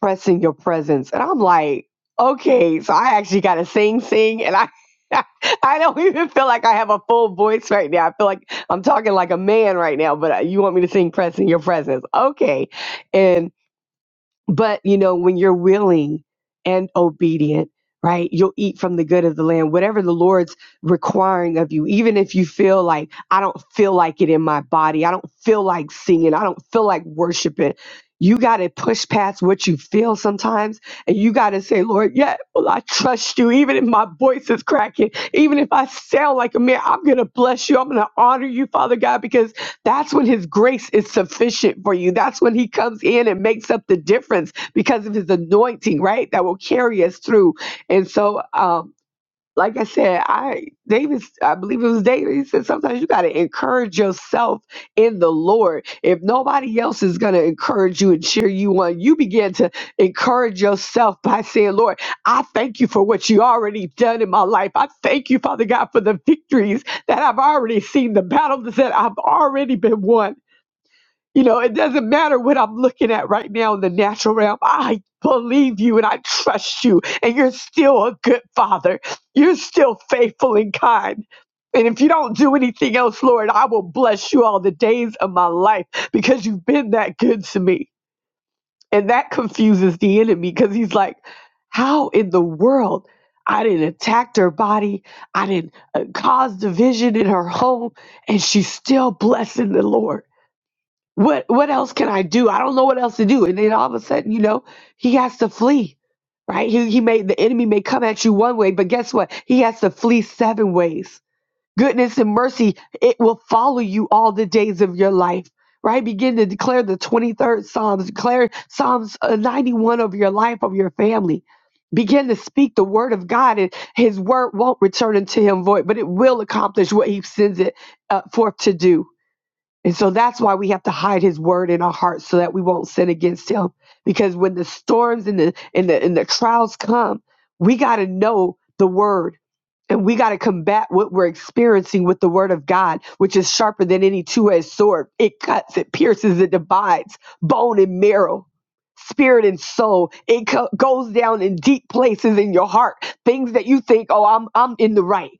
pressing your presence," and I'm like, "Okay, so I actually got to sing, sing," and I. [LAUGHS] I don't even feel like I have a full voice right now. I feel like I'm talking like a man right now, but uh, you want me to sing pressing your presence. Okay. But you know, when you're willing and obedient, right, you'll eat from the good of the land, whatever the Lord's requiring of you, even if you feel like, I don't feel like it in my body, I don't feel like singing, I don't feel like worshiping. You got to push past what you feel sometimes, and you got to say, Lord, yeah, well, I trust you. Even if my voice is cracking, even if I sound like a man, I'm going to bless you. I'm going to honor you, Father God, because that's when his grace is sufficient for you. That's when he comes in and makes up the difference because of his anointing, right? That will carry us through. And so, um, like I said, I David, I believe it was David. He said sometimes you got to encourage yourself in the Lord. If nobody else is going to encourage you and cheer you on, you begin to encourage yourself by saying, "Lord, I thank you for what you already done in my life. I thank you, Father God, for the victories that I've already seen, the battles that I've already been won. You know, it doesn't matter what I'm looking at right now in the natural realm. I believe you and I trust you, and you're still a good father. You're still faithful and kind. And if you don't do anything else, Lord, I will bless you all the days of my life because you've been that good to me. And that confuses the enemy because he's like, how in the world? I didn't attack her body. I didn't uh, cause division in her home. And she's still blessing the Lord. What what else can I do? I don't know what else to do. And then all of a sudden, you know, he has to flee. Right? He he may the enemy may come at you one way, but guess what? He has to flee seven ways. Goodness and mercy, it will follow you all the days of your life. Right? Begin to declare the 23rd Psalms, declare Psalms uh, 91 of your life, of your family. Begin to speak the word of God, and his word won't return unto him void, but it will accomplish what he sends it uh, forth to do and so that's why we have to hide his word in our hearts so that we won't sin against him. Because when the storms and the and the and the trials come, we gotta know the word and we gotta combat what we're experiencing with the word of God, which is sharper than any two-edged sword. It cuts, it pierces, it divides bone and marrow. Spirit and soul, it co- goes down in deep places in your heart. Things that you think, oh, I'm I'm in the right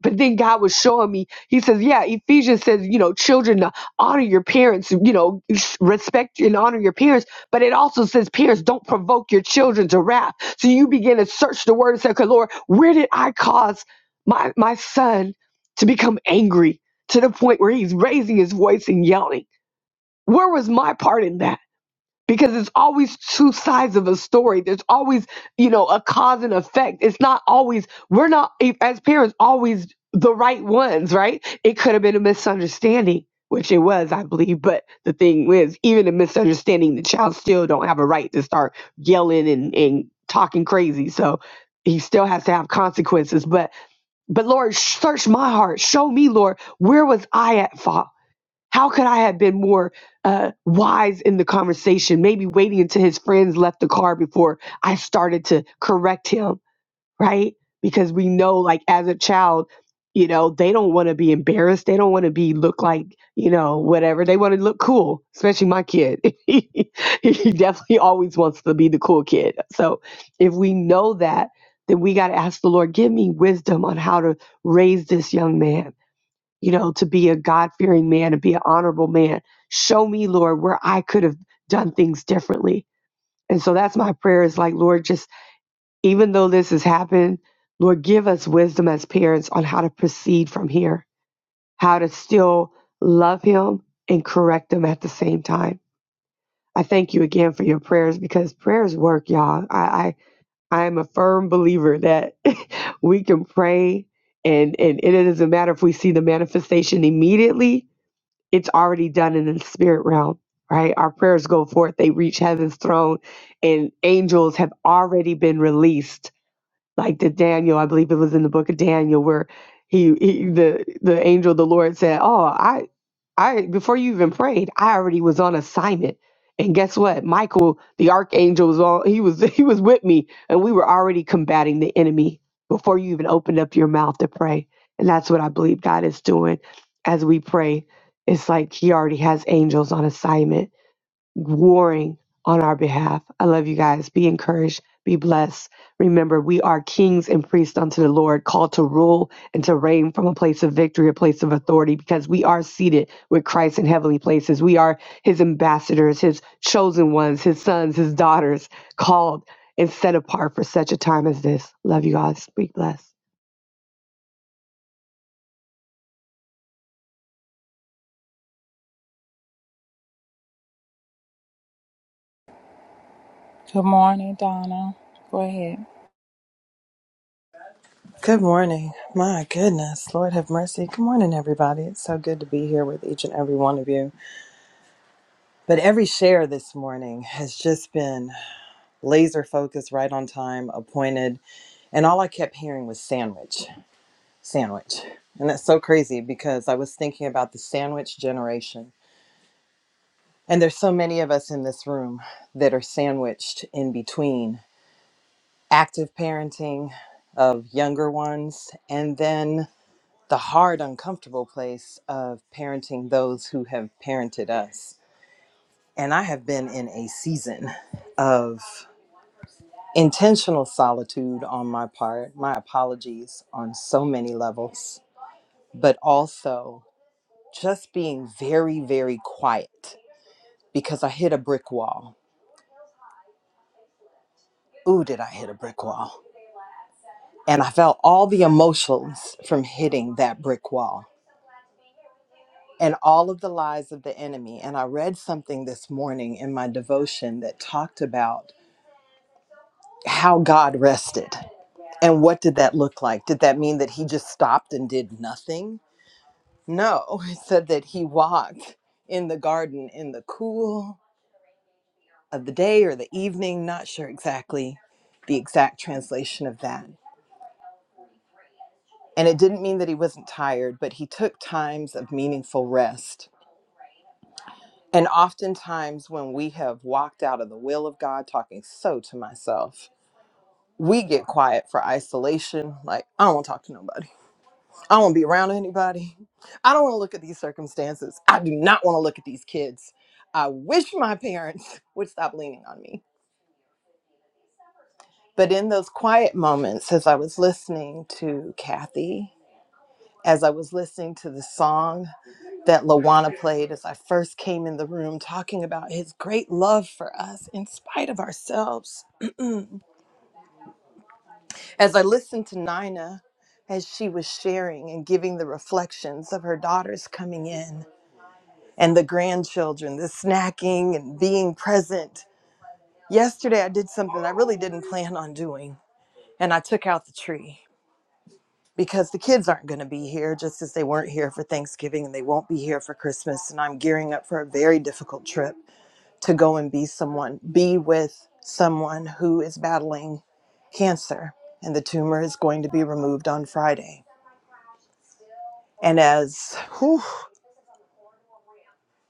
but then God was showing me, He says, Yeah, Ephesians says, you know, children, uh, honor your parents, you know, s- respect and honor your parents. But it also says, Parents, don't provoke your children to wrath. So you begin to search the word and say, Okay, Lord, where did I cause my, my son to become angry to the point where he's raising his voice and yelling? Where was my part in that? because it's always two sides of a story. There's always, you know, a cause and effect. It's not always, we're not, as parents, always the right ones, right? It could have been a misunderstanding, which it was, I believe. But the thing is, even a misunderstanding, the child still don't have a right to start yelling and, and talking crazy. So he still has to have consequences. But, but Lord, search my heart. Show me, Lord, where was I at fault? How could I have been more uh, wise in the conversation? Maybe waiting until his friends left the car before I started to correct him, right? Because we know, like, as a child, you know, they don't want to be embarrassed. They don't want to be look like, you know, whatever. They want to look cool, especially my kid. [LAUGHS] he definitely always wants to be the cool kid. So if we know that, then we got to ask the Lord, give me wisdom on how to raise this young man you know, to be a God fearing man, to be an honorable man. Show me, Lord, where I could have done things differently. And so that's my prayer is like, Lord, just even though this has happened, Lord, give us wisdom as parents on how to proceed from here, how to still love him and correct him at the same time. I thank you again for your prayers because prayers work, y'all. I, I, I am a firm believer that [LAUGHS] we can pray and, and it doesn't matter if we see the manifestation immediately it's already done in the spirit realm, right? Our prayers go forth, they reach heaven's throne, and angels have already been released. Like the Daniel, I believe it was in the book of Daniel where he, he the the angel of the Lord said, "Oh, I I before you even prayed, I already was on assignment. And guess what? Michael, the archangel, was on. He was [LAUGHS] he was with me, and we were already combating the enemy before you even opened up your mouth to pray. And that's what I believe God is doing as we pray. It's like He already has angels on assignment warring on our behalf. I love you guys. Be encouraged. Be blessed. Remember, we are kings and priests unto the Lord, called to rule and to reign from a place of victory, a place of authority, because we are seated with Christ in heavenly places. We are his ambassadors, his chosen ones, his sons, his daughters, called and set apart for such a time as this. Love you guys. Be blessed. Good morning, Donna. Go ahead. Good morning. My goodness. Lord have mercy. Good morning, everybody. It's so good to be here with each and every one of you. But every share this morning has just been laser focused, right on time, appointed. And all I kept hearing was sandwich, sandwich. And that's so crazy because I was thinking about the sandwich generation. And there's so many of us in this room that are sandwiched in between active parenting of younger ones and then the hard, uncomfortable place of parenting those who have parented us. And I have been in a season of intentional solitude on my part, my apologies on so many levels, but also just being very, very quiet because I hit a brick wall. Ooh, did I hit a brick wall? And I felt all the emotions from hitting that brick wall. and all of the lies of the enemy. And I read something this morning in my devotion that talked about how God rested. And what did that look like? Did that mean that he just stopped and did nothing? No, [LAUGHS] it said that he walked in the garden in the cool of the day or the evening, not sure exactly the exact translation of that. And it didn't mean that he wasn't tired, but he took times of meaningful rest And oftentimes, when we have walked out of the will of God, talking so to myself, we get quiet for isolation. Like, I don't want to talk to nobody. I don't want to be around anybody. I don't want to look at these circumstances. I do not want to look at these kids. I wish my parents [LAUGHS] would stop leaning on me. But in those quiet moments, as I was listening to Kathy as I was listening to the song that Lawana played as I first came in the room, talking about his great love for us in spite of ourselves. [CLEARS THROAT] as I listened to Nina as she was sharing and giving the reflections of her daughters coming in and the grandchildren, the snacking and being present. Yesterday, I did something I really didn't plan on doing, and I took out the tree. because the kids aren't going to be here just as they weren't here for Thanksgiving and they won't be here for Christmas and I'm gearing up for a very difficult trip to go and be someone be with someone who is battling cancer and the tumor is going to be removed on Friday. And as whew,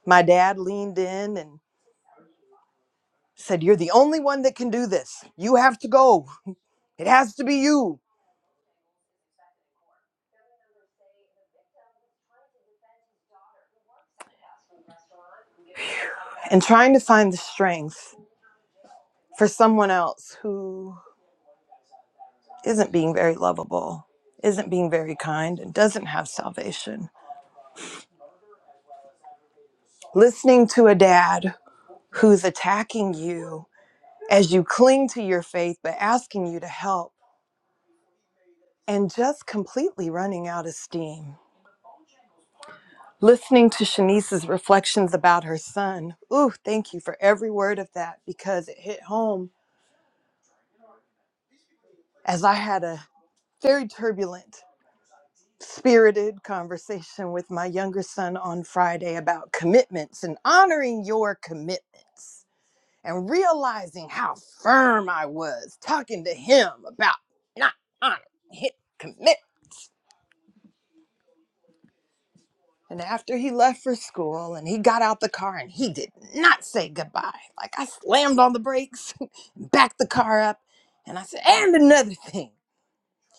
my dad leaned in and said you're the only one that can do this. You have to go. It has to be you. And trying to find the strength for someone else who isn't being very lovable, isn't being very kind, and doesn't have salvation. Listening to a dad who's attacking you as you cling to your faith, but asking you to help and just completely running out of steam. Listening to Shanice's reflections about her son. Ooh, thank you for every word of that because it hit home as I had a very turbulent spirited conversation with my younger son on Friday about commitments and honoring your commitments and realizing how firm I was talking to him about not honoring his commitment. And after he left for school and he got out the car and he did not say goodbye. Like I slammed on the brakes, [LAUGHS] backed the car up, and I said, and another thing.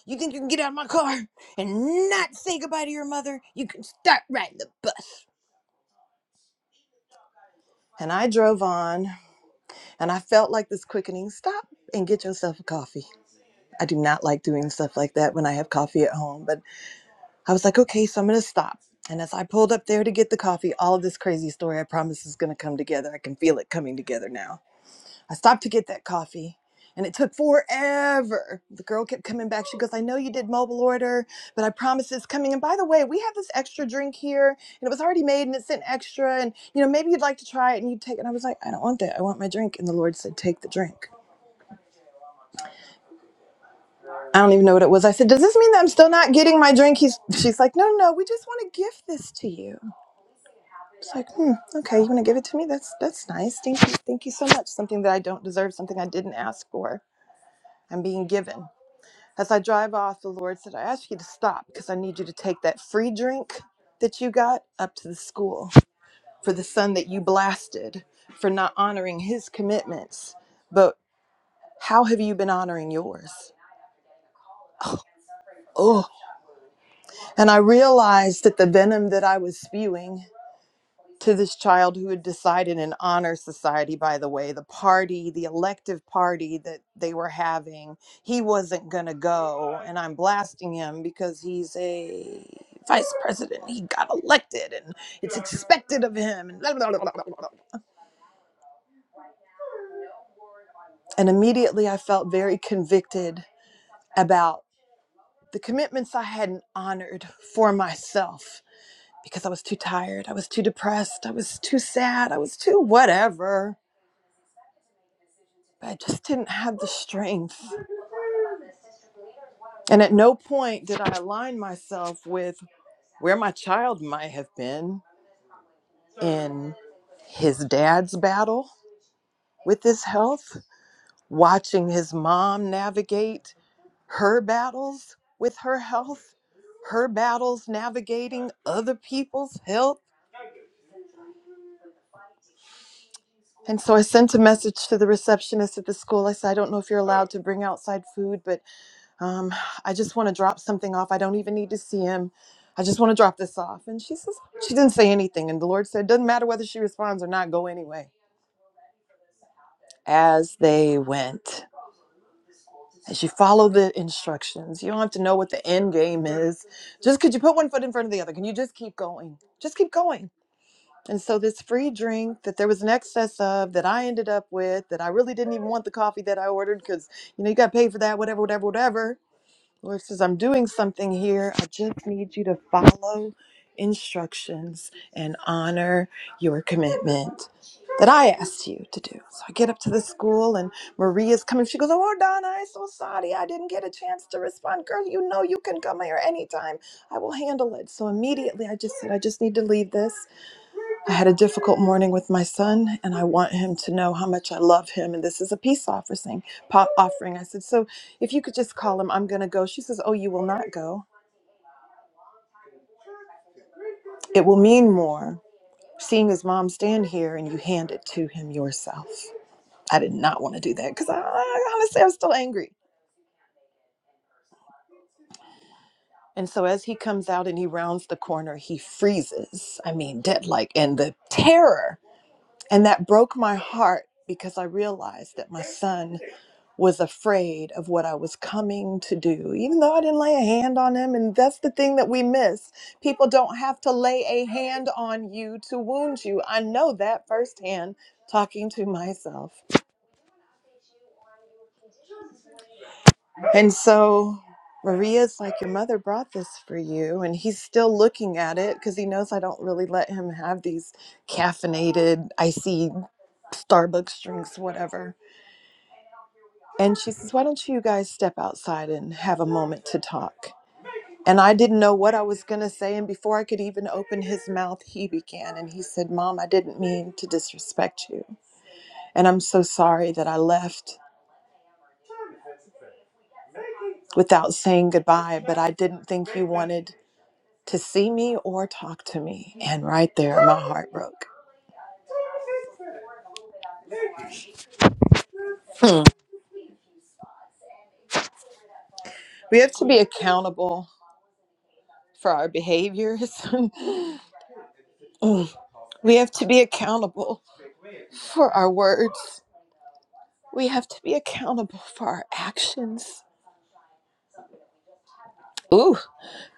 You think you can get out of my car and not say goodbye to your mother? You can start riding the bus. And I drove on and I felt like this quickening stop and get yourself a coffee. I do not like doing stuff like that when I have coffee at home, but I was like, okay, so I'm going to stop. And as I pulled up there to get the coffee, all of this crazy story I promise is going to come together. I can feel it coming together now. I stopped to get that coffee and it took forever. The girl kept coming back. She goes, I know you did mobile order, but I promise it's coming. And by the way, we have this extra drink here and it was already made and it's an extra. And, you know, maybe you'd like to try it and you take it. And I was like, I don't want that. I want my drink. And the Lord said, Take the drink. I don't even know what it was. I said, Does this mean that I'm still not getting my drink? He's, she's like, No, no, we just want to gift this to you. It's like, hmm, okay, you want to give it to me? That's that's nice. Thank you, thank you so much. Something that I don't deserve, something I didn't ask for. I'm being given. As I drive off, the Lord said, I ask you to stop because I need you to take that free drink that you got up to the school for the son that you blasted for not honoring his commitments. But how have you been honoring yours? Oh, oh, and I realized that the venom that I was spewing to this child who had decided an honor society by the way the party the elective party that they were having he wasn't going to go and i'm blasting him because he's a vice president he got elected and it's expected of him and, blah, blah, blah, blah, blah, blah. and immediately i felt very convicted about the commitments i hadn't honored for myself because i was too tired i was too depressed i was too sad i was too whatever But I just didn't have the strength. And at no point did I align myself with where my child might have been in his dad's battle with his health, watching his mom navigate her battles with her health, her battles navigating other people's health. And so I sent a message to the receptionist at the school. I said, I don't know if you're allowed to bring outside food, but Um, I just want to drop something off. I don't even need to see him. I just want to drop this off. And she says, "Oh," She didn't say anything. And the Lord said, Doesn't matter whether she responds or not, go anyway. As they went, as you follow the instructions, you don't have to know what the end game is. Just could you put one foot in front of the other? Can you just keep going? Just keep going. And so, this free drink that there was an excess of that I ended up with, that I really didn't even want the coffee that I ordered because, you know, you got to pay for that, whatever, whatever, whatever Lord says, I'm doing something here. I just need you to follow instructions and honor your commitment that I asked you to do. So I get up to the school and Maria's coming. She goes, Oh, Donna, I'm so sorry. I didn't get a chance to respond. Girl, you know you can come here anytime. I will handle it. So immediately I just said, I just need to leave this. I had a difficult morning with my son, and I want him to know how much I love him. And this is a peace offering. Pop offering. I said, so if you could just call him, I'm going to go. She says, oh, you will not go. It will mean more seeing his mom stand here and you hand it to him yourself. I did not want to do that because I, I honestly I'm still angry. And so as he comes out and he rounds the corner, he freezes. I mean, dead like, and the terror. And that broke my heart because I realized that my son was afraid of what I was coming to do, even though I didn't lay a hand on him. And that's the thing that we miss. People don't have to lay a hand on you to wound you. I know that firsthand talking to myself. And so Maria's like, Your mother brought this for you. And he's still looking at it because he knows I don't really let him have these caffeinated, icy Starbucks drinks, whatever. And she says, Why don't you guys step outside and have a moment to talk? And I didn't know what I was going to say. And before I could even open his mouth, he began. And he said, Mom, I didn't mean to disrespect you. And I'm so sorry that I left without saying goodbye, but I didn't think you wanted to see me or talk to me. And right there, my heart broke. Hmm. We have to be accountable for our behaviors. [LAUGHS] we have to be accountable for our words. We have to be accountable for our actions. Ooh.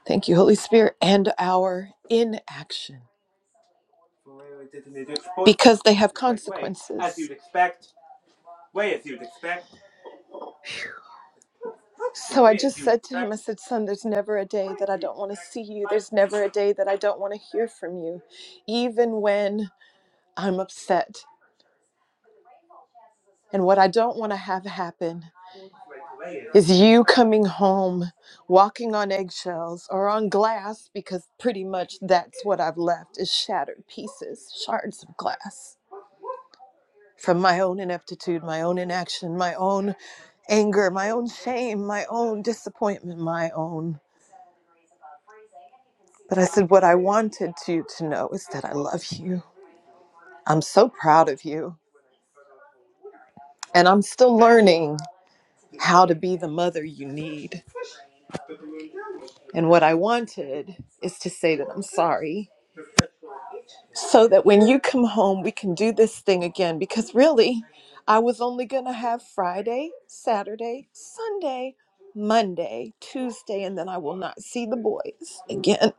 Thank you, Holy Spirit, and our inaction. Because they have consequences. So I just said to him, I said, Son, there's never a day that I don't want to see you. There's never a day that I don't want to hear from you, even when I'm upset. And what I don't want to have happen is you coming home walking on eggshells or on glass, because pretty much that's what I've left is shattered pieces, shards of glass. from my own ineptitude, my own inaction, my own anger, my own shame, my own disappointment, my own. But I said, What I wanted you to know is that I love you. I'm so proud of you. And I'm still learning how to be the mother you need. And what I wanted is to say that I'm sorry so that when you come home, we can do this thing again. Because really, I was only going to have Friday, Saturday, Sunday, Monday, Tuesday, and then I will not see the boys again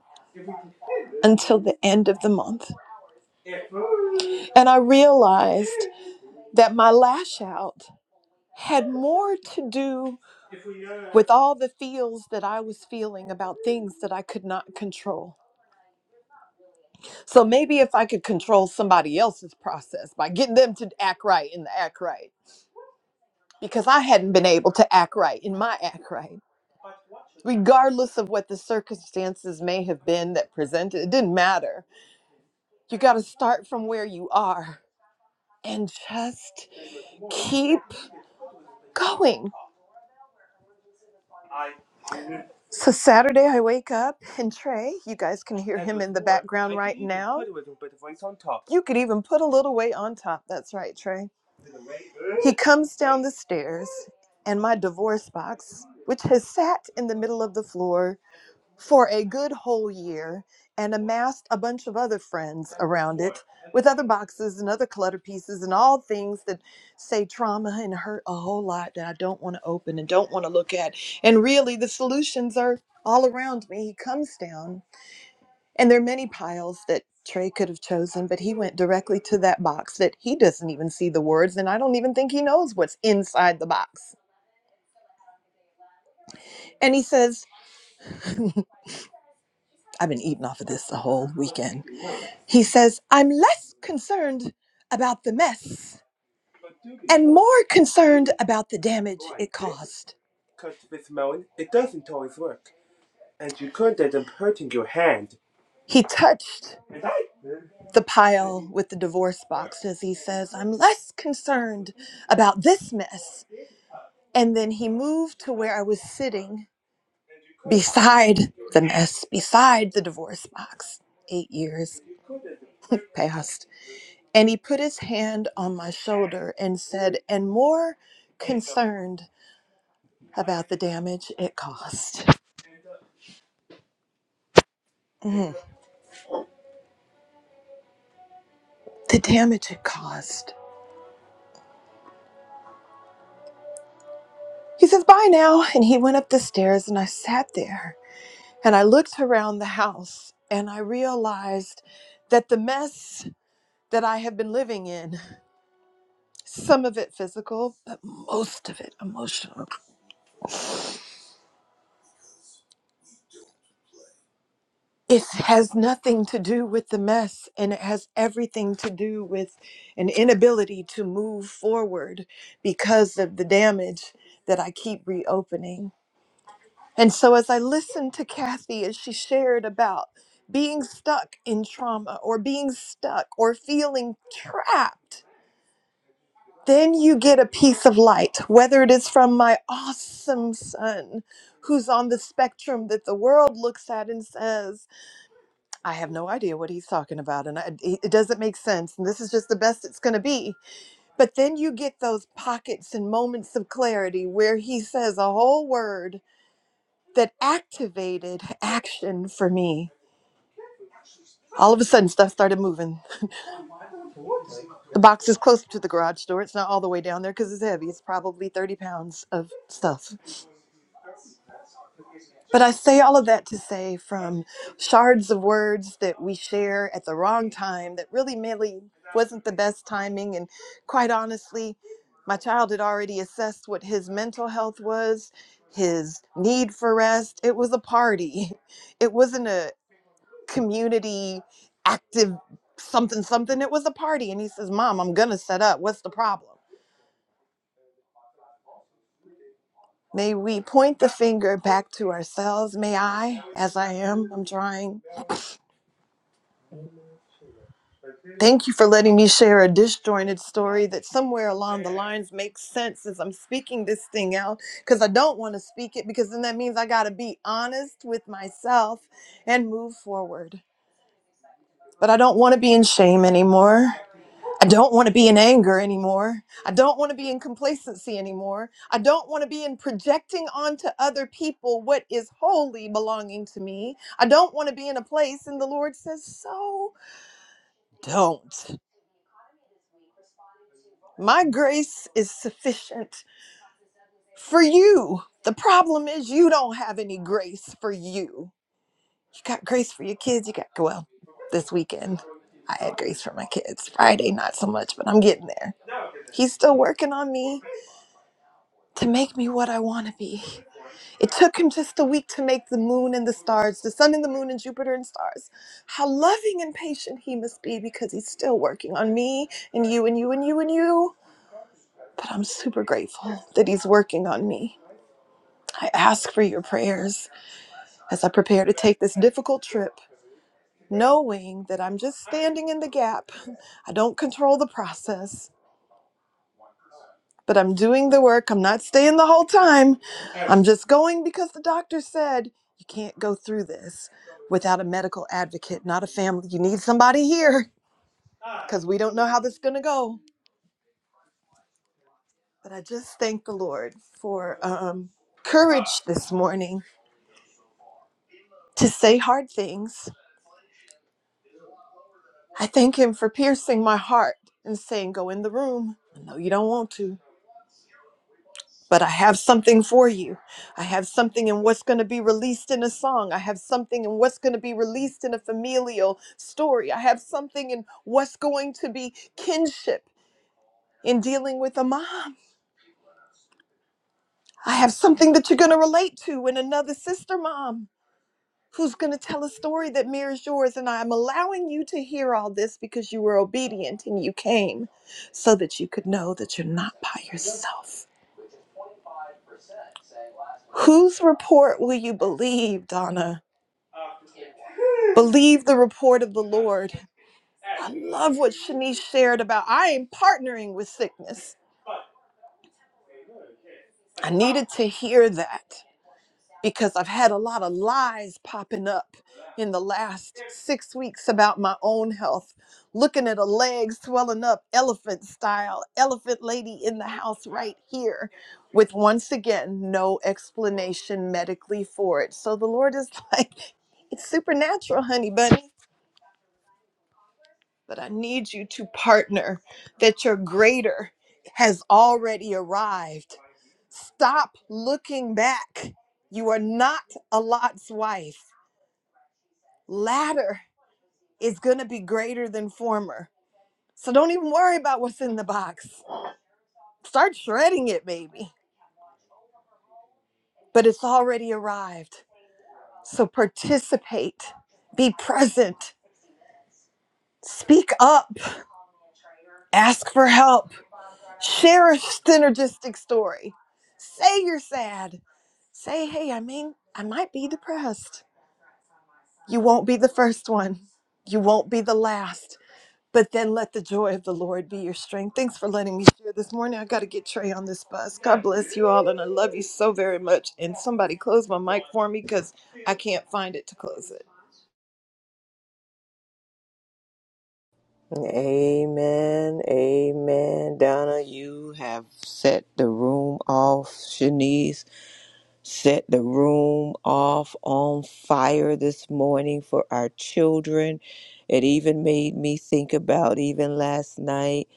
until the end of the month. And I realized that my lash out had more to do with all the feels that I was feeling about things that I could not control. So maybe if I could control somebody else's process by getting them to act right in the act right because I hadn't been able to act right in my act right. Regardless of what the circumstances may have been that presented, it didn't matter. You got to start from where you are and just keep going. So Saturday, I wake up and Trey, you guys can hear him in the background right now. You could even put a little weight on top. That's right, Trey. He comes down the stairs, and my divorce box, which has sat in the middle of the floor for a good whole year and amassed a bunch of other friends around it with other boxes and other clutter pieces and all things that say trauma and hurt a whole lot that I don't want to open and don't want to look at. And really, the solutions are all around me. He comes down, and there are many piles that Trey could have chosen, but he went directly to that box that he doesn't even see the words, and I don't even think he knows what's inside the box. And he says, I've been eating off of this the whole weekend. He says, I'm less concerned about the mess and more concerned about the damage it caused. He touched the pile with the divorce boxes. he says, I'm less concerned about this mess. And then he moved to where I was sitting beside the mess, beside the divorce box. Eight years [LAUGHS] passed. And he put his hand on my shoulder and said, And more concerned. about the damage it caused. Mm, the damage it caused. He says, Bye now. And he went up the stairs, and I sat there and I looked around the house and I realized that the mess that I have been living in, some of it physical, but most of it emotional, it has nothing to do with the mess and it has everything to do with an inability to move forward because of the damage that I keep reopening. And so, as I listened to Kathy as she shared about being stuck in trauma or being stuck or feeling trapped, then you get a piece of light, whether it is from my awesome son who's on the spectrum that the world looks at and says, I have no idea what he's talking about and I, it it doesn't make sense and this is just the best it's going to be. But then you get those pockets and moments of clarity where he says a whole word that activated action for me. All of a sudden, stuff started moving. [LAUGHS] The box is close to the garage door. It's not all the way down there because it's heavy. It's probably 30 pounds of stuff. But I say all of that to say from shards of words that we share at the wrong time that really, really wasn't the best timing. And quite honestly, my child had already assessed what his mental health was, his need for rest. It was a party. [LAUGHS] It wasn't a. community active something something it was a party and he says mom i'm gonna set up what's the problem may we point the finger back to ourselves may i as i am i'm trying thank you for letting me share a disjointed story that somewhere along the lines makes sense as i'm speaking this thing out because i don't want to speak it because then that means i gotta be honest with myself and move forward but i don't want to be in shame anymore I don't want to be in anger anymore. I don't want to be in complacency anymore. I don't want to be in projecting onto other people what is wholly belonging to me. I don't want to be in a place, and the Lord says, So don't. My grace is sufficient for you. The problem is, you don't have any grace for you. You got grace for your kids. You got, well, this weekend, I had grace for my kids. Friday, not so much, but I'm getting there. He's still working on me. to make me what I want to be. It took him just a week to make the moon and the stars, the sun and the moon and Jupiter and stars. How loving and patient he must be because he's still working on me and you and you and you and you. But I'm super grateful that he's working on me. I ask for your prayers as I prepare to take this difficult trip, knowing that I'm just standing in the gap. I don't control the process, but I'm doing the work. I'm not staying the whole time. I'm just going because the doctor said you can't go through this without a medical advocate, not a family. You need somebody here because we don't know how this is going to go. But I just thank the Lord for um, courage this morning to say hard things. I thank Him for piercing my heart and saying, Go in the room. I know you don't want to. But I have something for you. I have something in what's going to be released in a song. I have something in what's going to be released in a familial story. I have something in what's going to be kinship in dealing with a mom. I have something that you're going to relate to in another sister mom who's going to tell a story that mirrors yours. And I'm allowing you to hear all this because you were obedient and you came so that you could know that you're not by yourself. Whose report will you believe, Donna? Believe the report of the Lord. I love what Shanice shared about I am partnering with sickness. I needed to hear that because I've had a lot of lies popping up in the last six weeks about my own health. Looking at a leg swelling up, elephant style, elephant lady in the house right here, with once again no explanation medically for it. So the Lord is [LAUGHS] like, it's supernatural, honey bunny. but I need you to partner that your greater has already arrived. Stop looking back. You are not a Lot's wife. Latter is going to be greater than former. So don't even worry about what's in the box. Start shredding it, baby. But it's already arrived. So participate, be present, speak up, ask for help, share a synergistic story, say you're sad, Say, hey, I mean, I might be depressed. You won't be the first one, you won't be the last. But then let the joy of the Lord be your strength. Thanks for letting me share this morning. I got to get Trey on this bus. God bless you all, and I love you so very much. And somebody close my mic for me because I can't find it to close it. Amen. Amen. Donna, you have set the room off. Shanice, set the room off on fire this morning for our children. It even made me think about even last night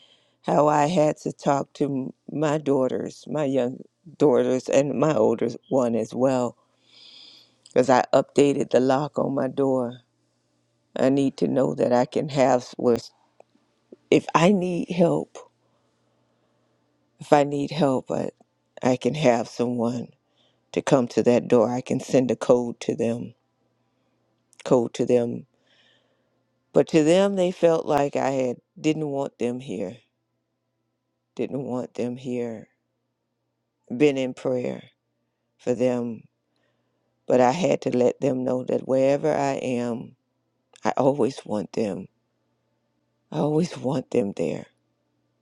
how I had to talk to m- my daughters, my young daughters, and my older one as well, because I updated the lock on my door. I need to know that I can have was if I need help, if I need help, I, I can have someone to come to that door. I can send a code to them, code to them But to them, they felt like I had didn't want them here, didn't want them here, been in prayer for them. But I had to let them know that wherever I am, I always want them. I always want them there.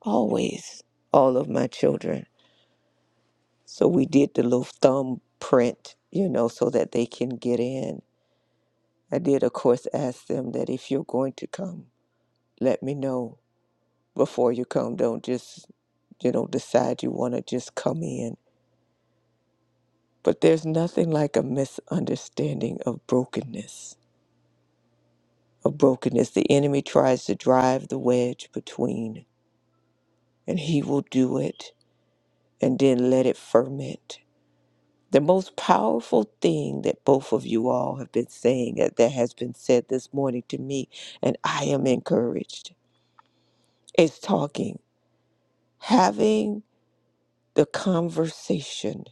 Always. All of my children. So we did the little thumb print, you know, so that they can get in. I did, of course, ask them that if you're going to come, let me know before you come. Don't just you know, decide you want to just come in But there's nothing like a misunderstanding of brokenness. Of brokenness, the enemy tries to drive the wedge between, and he will do it and then let it ferment. The most powerful thing that both of you all have been saying that that has been said this morning to me, and I am encouraged, is talking, having the conversation,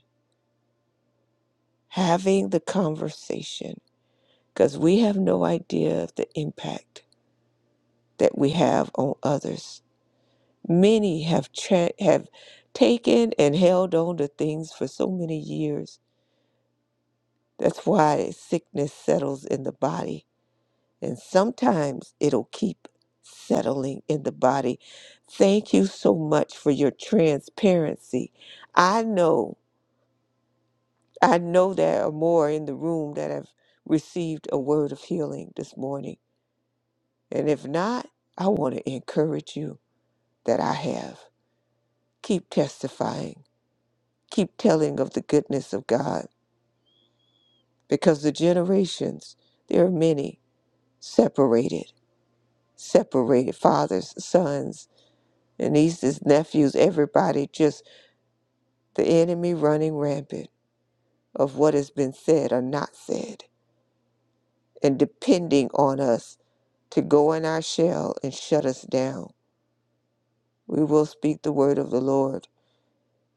having the conversation, because we have no idea of the impact that we have on others. Many have tra- have taken and held on to things for so many years. That's why sickness settles in the body, and sometimes it'll keep settling in the body. Thank you so much for your transparency. I know, I know there are more in the room that have received a word of healing this morning. And if not, I want to encourage you that I have. Keep testifying keep telling of the goodness of God because the generations, there are many separated, separated fathers, sons, and nieces, nephews, everybody, just the enemy running rampant of what has been said or not said and depending on us to go in our shell and shut us down. We will speak the word of the Lord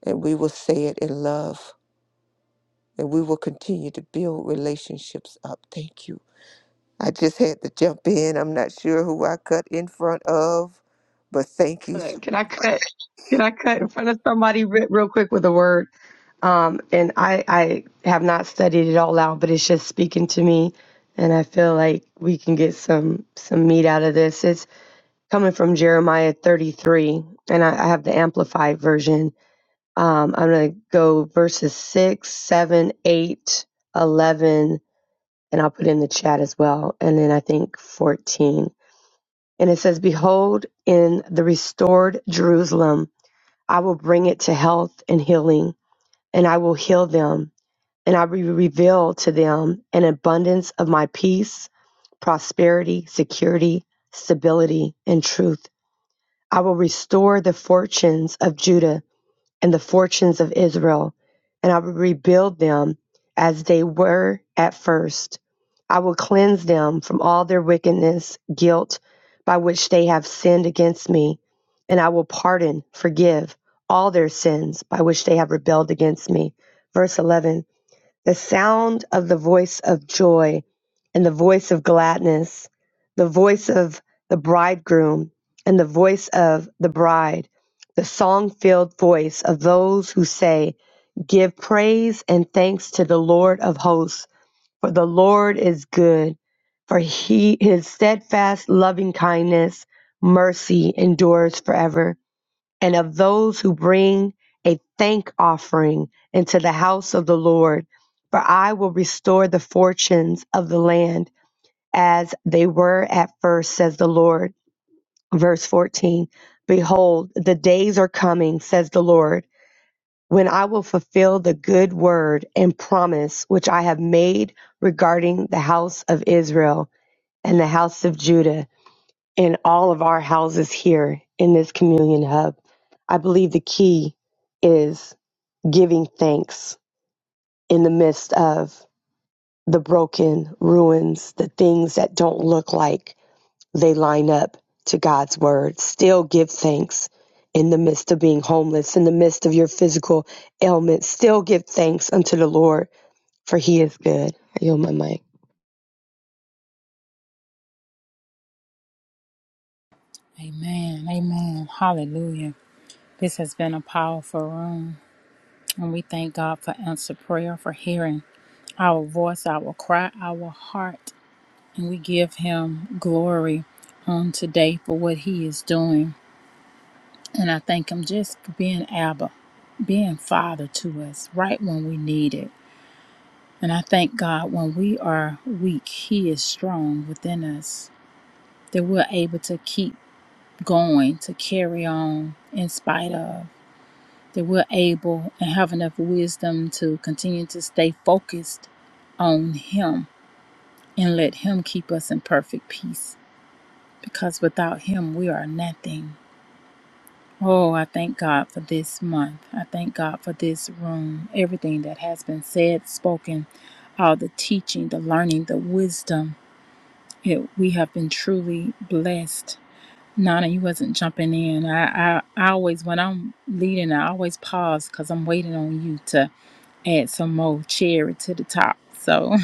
and we will say it in love and we will continue to build relationships up. Thank you I just had to jump in. I'm not sure who I cut in front of, but thank you. so- Can I cut? Can I cut in front of somebody re- real quick with a word? Um, and I, I have not studied it all out, but it's just speaking to me, and I feel like we can get some some meat out of this. It's coming from Jeremiah 33, and I, I have the amplified version. Um, I'm gonna go verses six, seven, eight, eleven, and I'll put in the chat as well, and then I think 14. And it says, "Behold, in the restored Jerusalem." I will bring it to health and healing, and I will heal them, and I will reveal to them an abundance of my peace, prosperity, security, stability, and truth. I will restore the fortunes of Judah and the fortunes of Israel, and I will rebuild them as they were at first. I will cleanse them from all their wickedness, guilt by which they have sinned against me, and I will pardon, forgive all their sins by which they have rebelled against me. Verse 11 the sound of the voice of joy and the voice of gladness, the voice of the bridegroom and the voice of the bride, the song filled voice of those who say, Give praise and thanks to the Lord of hosts, for the Lord is good, for he, his steadfast loving kindness, mercy endures forever and of those who bring a thank offering into the house of the Lord. For I will restore the fortunes of the land as they were at first, says the Lord. Verse 14 Behold, the days are coming, says the Lord, when I will fulfill the good word and promise which I have made regarding the house of Israel and the house of Judah in all of our houses here in this communion hub. I believe the key is giving thanks in the midst of the broken ruins, the things that don't look like they line up to God's word. Still give thanks in the midst of being homeless, in the midst of your physical ailments. Still give thanks unto the Lord, for he is good. I yield my mic. Amen. Amen. Hallelujah. This has been a powerful room, and we thank God for answered prayer, for hearing our voice, our cry, our heart, and we give Him glory on today for what He is doing. And I thank Him just for being Abba, being Father to us right when we need it. And I thank God when we are weak, He is strong within us, that we're able to keep going, to carry on in spite of, that we're able and have enough wisdom to continue to stay focused on Him and let Him keep us in perfect peace. Because without Him, we are nothing. Oh, I thank God for this month. I thank God for this room, everything that has been said, spoken, all the teaching, the learning, the wisdom. it, we have been truly blessed. Nana, you wasn't jumping in. I, I, I always, when I'm leading, I always pause because I'm waiting on you to add some more cherry to the top. So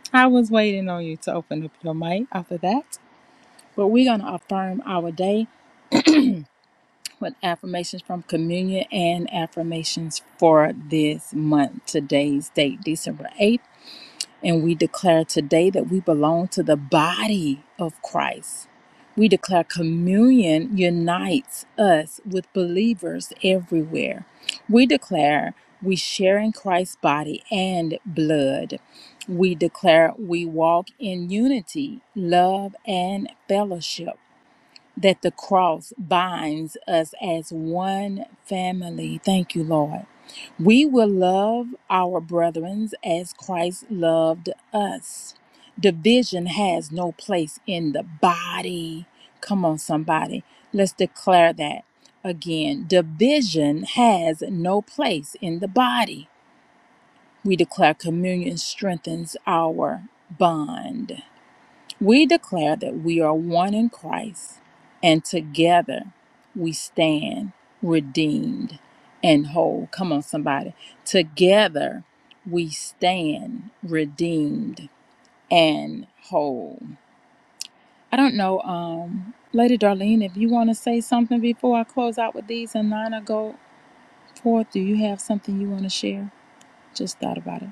[LAUGHS] I was waiting on you to open up your mic after that. But we're going to affirm our day with affirmations from communion and affirmations for this month, today's date, December 8th. And we declare today that we belong to the body of Christ. We declare communion unites us with believers everywhere. We declare we share in Christ's body and blood. We declare we walk in unity, love, and fellowship that the cross binds us as one family. Thank you, Lord. We will love our brethren as Christ loved us. Division has no place in the body. Come on, somebody. Let's declare that again. Division has no place in the body. We declare communion strengthens our bond. We declare that we are one in Christ, and together we stand redeemed and whole. Come on, somebody. Together we stand redeemed and whole. I don't know, um, Lady Darlene, if you want to say something before I close out with these and Nina go forth, do you have something you want to share? Just thought about it.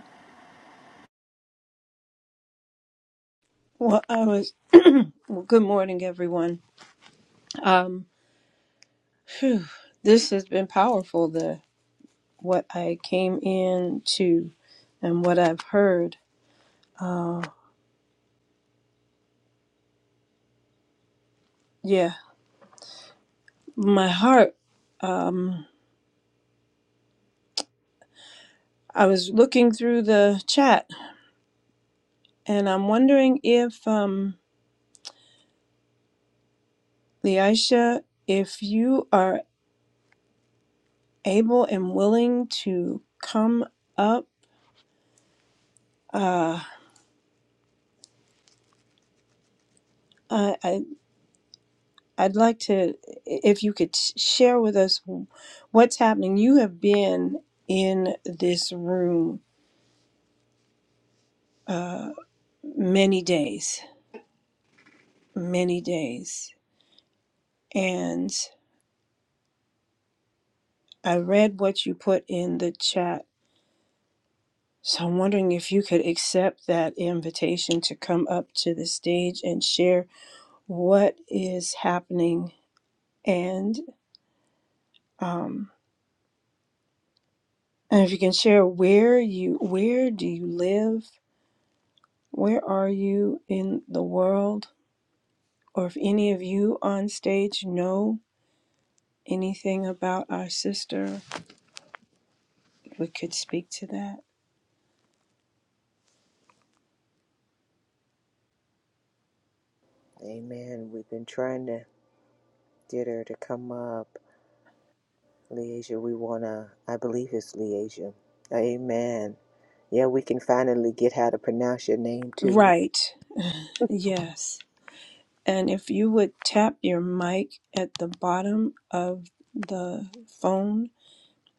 Well, I was. [CLEARS THROAT] well, good morning, everyone. Um, phew, this has been powerful. The what I came in to, and what I've heard. Uh, yeah, my heart. Um, I was looking through the chat, and I'm wondering if, um, Leisha, if you are able and willing to come up. Uh, I. I I'd like to, if you could sh- share with us what's happening. You have been in this room uh, many days, many days, and I read what you put in the chat. So I'm wondering if you could accept that invitation to come up to the stage and share what is happening, and um, and if you can share where you where do you live, where are you in the world or if any of you on stage know anything about our sister, we could speak to that. Amen. We've been trying to get her to come up. Leasia, we want to, I believe it's Leasia. Amen. Yeah, we can finally get how to pronounce your name too. Right, yes. And if you would tap your mic at the bottom of the phone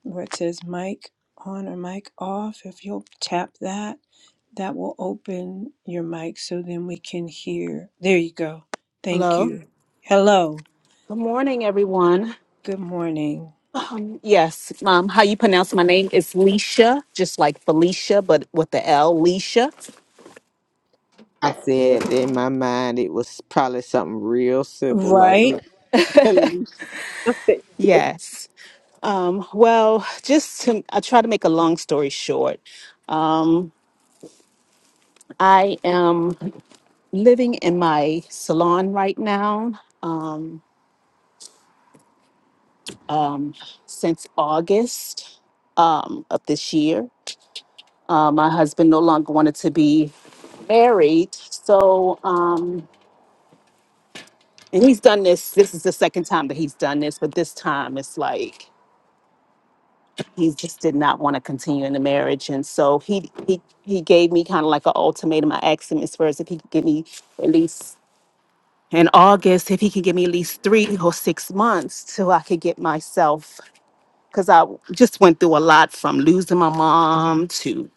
where it says mic on or mic off, if you'll tap that, that will open your mic so then we can hear. There you go. Thank Hello. you. Hello. Good morning, everyone. Good morning. Um, yes, um, how you pronounce my name is Leisha, just like Felicia, but with the L, Leisha. I said in my mind it was probably something real simple like Right? Le- [LAUGHS] Alicia. Yes. Um, well, just to, I try to make a long story short. Um, I am living in my salon right now um, um, since August um, of this year. Uh, my husband no longer wanted to be married, so. Um, And he's done this. This is the second time that he's done this, but this time it's like he just did not want to continue in the marriage, and so he he he gave me kind of like an ultimatum. I asked him as far as if he could give me at least in August, if he could give me at least three or six months till I could get myself because I just went through a lot from losing my mom to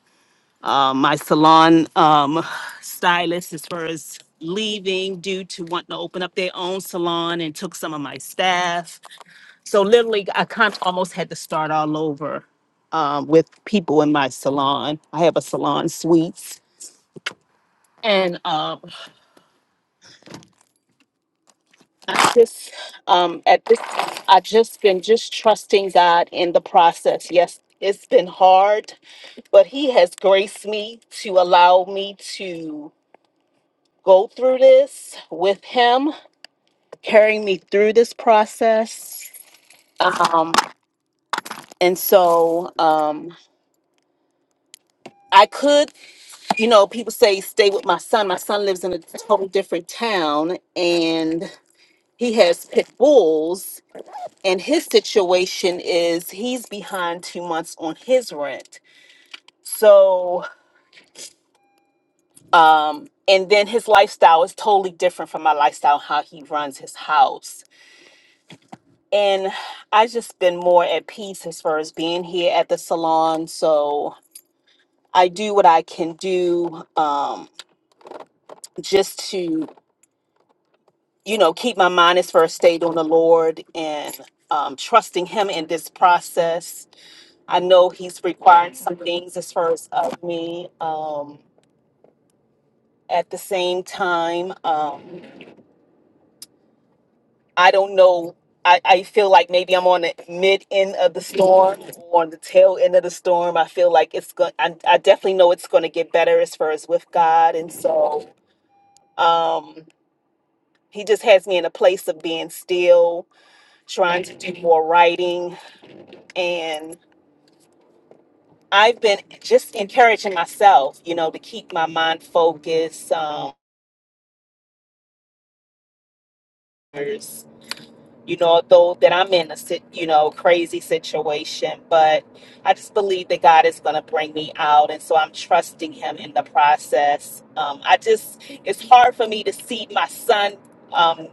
um, my salon um, stylist as far as leaving due to wanting to open up their own salon and took some of my staff so literally i kind of almost had to start all over um, with people in my salon i have a salon suites and um, I just um, at this i just been just trusting god in the process yes it's been hard but he has graced me to allow me to go through this with him carrying me through this process um, and so um, i could you know, people say stay with my son. My son lives in a total different town and he has pit bulls. And his situation is he's behind two months on his rent. So, um, and then his lifestyle is totally different from my lifestyle, how he runs his house. And I just been more at peace as far as being here at the salon. So I do what I can do um, just to you know, keep my mind as first stayed on the Lord and um, trusting Him in this process. I know He's requiring some things as far as of me. Um, at the same time, um, I don't know. I, I feel like maybe I'm on the mid end of the storm or on the tail end of the storm. I feel like it's going. I, I definitely know it's going to get better as far as with God, and so um, He just has me in a place of being still, trying to do more writing, and. I've been just encouraging myself, you know, to keep my mind focused. Um, you know, though that I'm in a sit, you know, crazy situation, but I just believe that God is going to bring me out, and so I'm trusting Him in the process. Um, I just, it's hard for me to see my son. Um,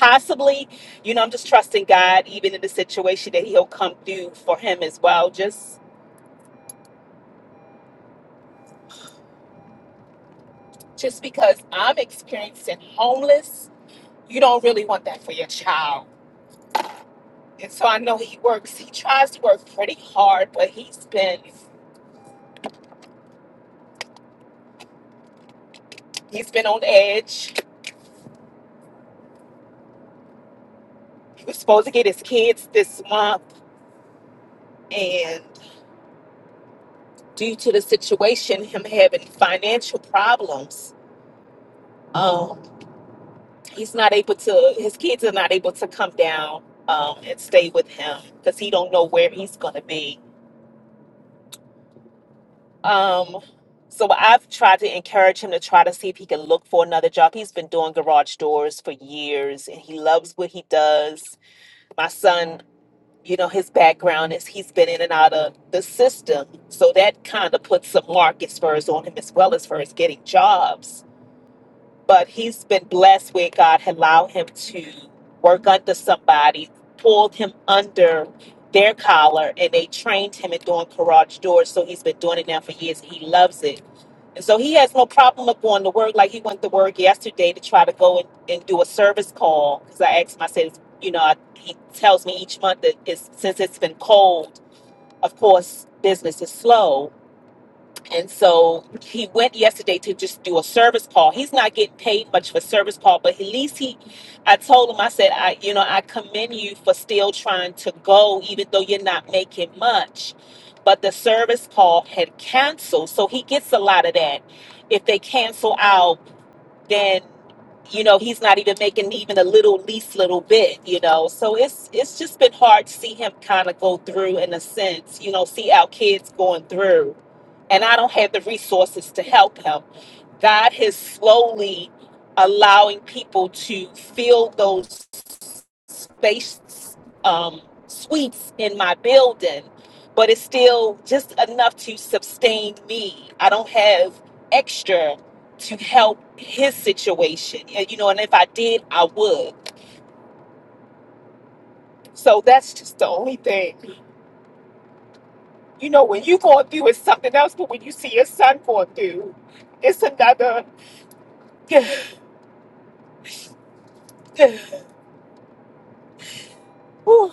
possibly you know i'm just trusting god even in the situation that he'll come through for him as well just just because i'm experiencing homeless you don't really want that for your child. And so I know he works, he tries to work pretty hard, but he's been he's been on edge. He was supposed to get his kids this month and due to the situation, him having financial problems, um, he's not able to his kids are not able to come down um, and stay with him because he don't know where he's gonna be Um, so I've tried to encourage him to try to see if he can look for another job. He's been doing garage doors for years and he loves what he does. My son, you know, his background is he's been in and out of the system. So that kind of puts some market spurs on him as well as far as getting jobs. But he's been blessed where God had allowed him to work under somebody, pulled him under their collar, and they trained him in doing garage doors. So he's been doing it now for years and he loves it and So he has no problem of going to work. Like he went to work yesterday to try to go and, and do a service call. Because I asked him, I said, you know, I, he tells me each month that it's, since it's been cold, of course, business is slow and so he went yesterday to just do a service call. He's not getting paid much for service call, but at least he, I told him, I said, I, you know, I commend you for still trying to go, even though you're not making much. But the service call had canceled. So he gets a lot of that. If they cancel out then you know he's not even making even a little least little bit you know so it's it's just been hard to see him kind of go through in a sense you know see our kids going through and i don't have the resources to help him God is slowly allowing people to fill those space um, suites in my building, but it's still just enough to sustain me. I don't have extra to help his situation, and, you know. And if I did, I would. So that's just the only thing, you know. When you going through, it's something else. But when you see your son going through, it's another. [SIGHS] Whew.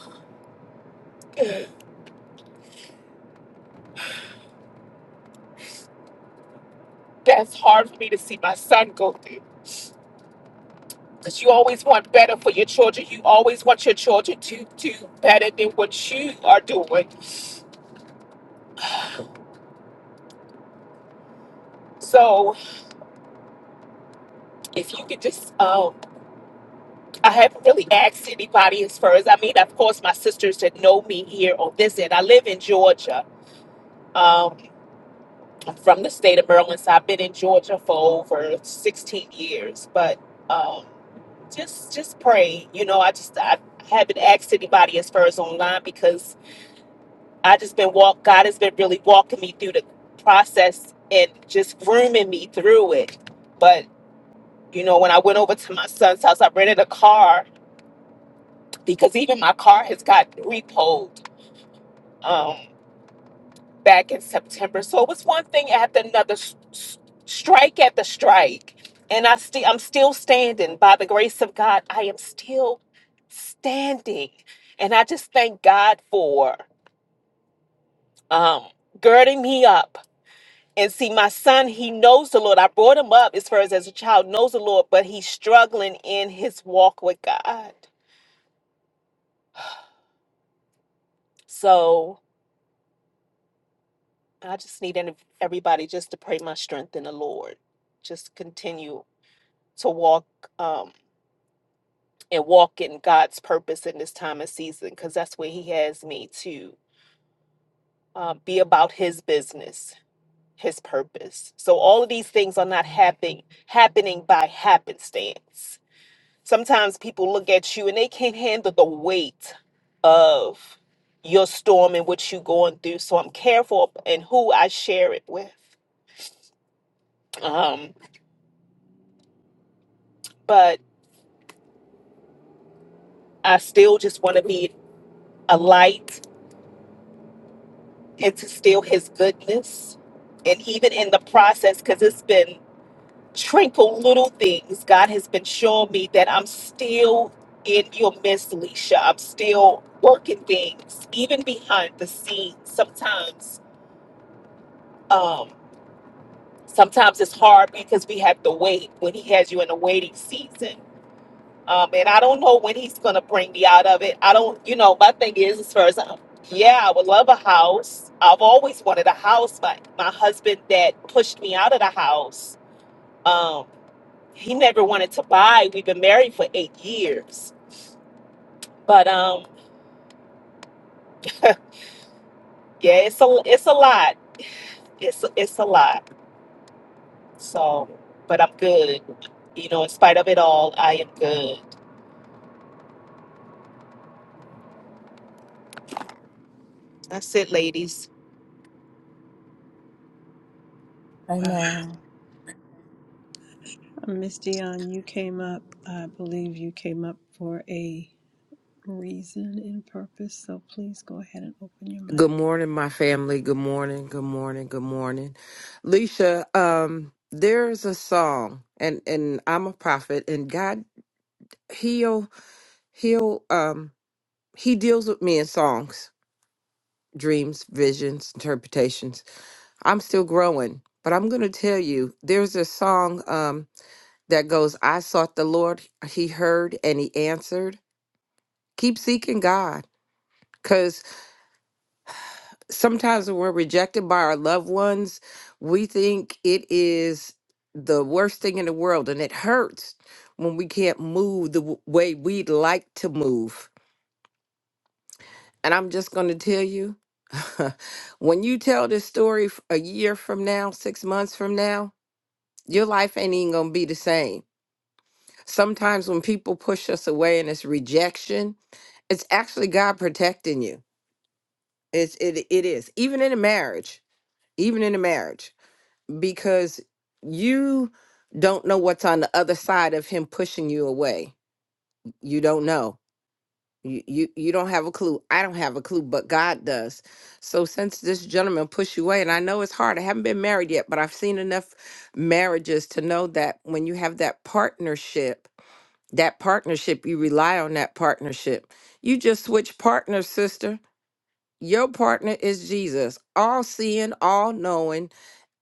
that's hard for me to see my son go through because you always want better for your children you always want your children to do better than what you are doing so if you could just um i haven't really asked anybody as far as i mean of course my sisters that know me here on this end i live in georgia um I'm from the state of maryland so i've been in georgia for over 16 years but um just just pray you know i just i haven't asked anybody as far as online because I just been walk. God has been really walking me through the process and just grooming me through it. But you know, when I went over to my son's house, I rented a car because even my car has got repoed um, back in September. So it was one thing after another, s- s- strike at the strike, and I still I'm still standing by the grace of God. I am still standing, and I just thank God for um, girding me up And see, my son, he knows the Lord. I brought him up as far as as a child, knows the Lord, but he's struggling in his walk with God. So I just need any- everybody just to pray my strength in the Lord. Just continue to walk um, and walk in God's purpose in this time and season, because that's where He has me to uh, be about His business, His purpose. So all of these things are not happening happening by happenstance. Sometimes people look at you and they can't handle the weight of your storm and what you're going through. So I'm careful in who I share it with. Um, but I still just want to be a light and to still his goodness. And even in the process, because it's been trinkle little things, God has been showing me that I'm still in your midst, Leisha. I'm still working things, even behind the scenes. Sometimes um, sometimes it's hard because we have to wait when he has you in a waiting season. Um, and I don't know when he's going to bring me out of it. I don't, you know, my thing is, as far as I'm, yeah, I would love a house. I've always wanted a house. My, my husband that pushed me out of the house, um, he never wanted to buy. We've been married for eight years. But um, yeah, it's a, it's a lot. It's, it's a lot. So, but I'm good. You know, in spite of it all, I am good. That's it, ladies. Wow. Amen. Miss Dion, you came up, I believe you came up for a reason and purpose, so please go ahead and open your Good mic. morning, my family. Good morning. Good morning. Good morning. Leisha, um, there's a song and, and I'm a prophet and God he'll he'll um he deals with me in songs, dreams, visions, interpretations. I'm still growing, but I'm gonna tell you, there's a song um that goes, I sought the Lord, he heard and he answered. Keep seeking God. 'cause sometimes when we're rejected by our loved ones, we think it is the worst thing in the world and it hurts when we can't move the w- way we'd like to move. And I'm just going to tell you [LAUGHS] when you tell this story f- a year from now, six months from now, your life ain't even going to be the same. Sometimes when people push us away and it's rejection, it's actually God protecting you. It's, it, it is, even in a marriage, even in a marriage because you don't know what's on the other side of him pushing you away. You don't know. You, you you don't have a clue. I don't have a clue, but God does. So since this gentleman pushed you away, and I know it's hard. I haven't been married yet, but I've seen enough marriages to know that when you have that partnership, that partnership, you rely on that partnership. You just switch partners, sister. Your partner is Jesus, all seeing, all knowing,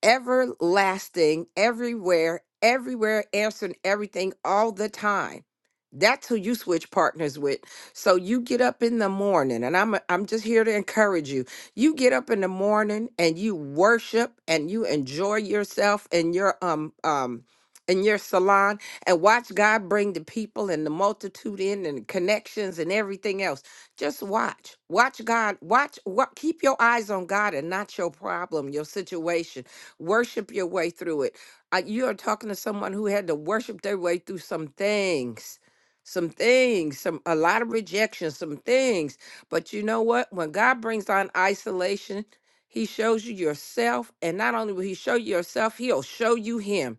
everlasting, everywhere, everywhere, answering everything all the time. That's who you switch partners with. So you get up in the morning, and I'm I'm just here to encourage you. You get up in the morning and you worship and you enjoy yourself in your um um in your salon and watch God bring the people and the multitude in and connections and everything else. Just watch. Watch God. Watch what keep your eyes on God and not your problem, your situation Worship your way through it. I, you are talking to someone who had to worship their way through some things, some things, some a lot of rejection, some things. But you know what? When God brings on isolation, He shows you yourself, and not only will He show you yourself, He'll show you Him.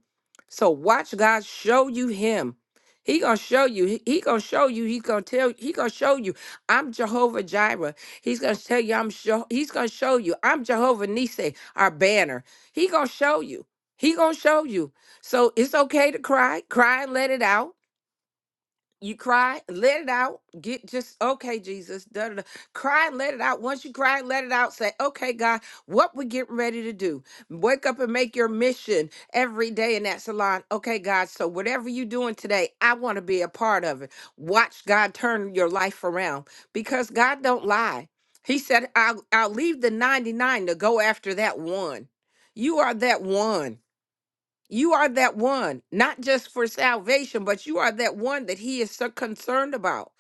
So watch God show you Him. He gonna show you. He, he gonna show you. He gonna tell. He gonna show you. I'm Jehovah Jireh. He's gonna tell you. I'm. Sho- he's gonna show you. I'm Jehovah Nissi, our banner. He gonna show you. He gonna show you. So it's okay to cry. Cry and let it out you cry, let it out. Get just okay, Jesus. Da, da, da. Cry, and let it out. Once you cry, let it out. Say, okay, God, what we getting ready to do? Wake up and make your mission every day in that salon. Okay, God. So whatever you doing today, I want to be a part of it. Watch God turn your life around because God don't lie. He said, I'll, I'll leave the 99 to go after that one. You are that one. You are that one, not just for salvation, but you are that one that he is so concerned about.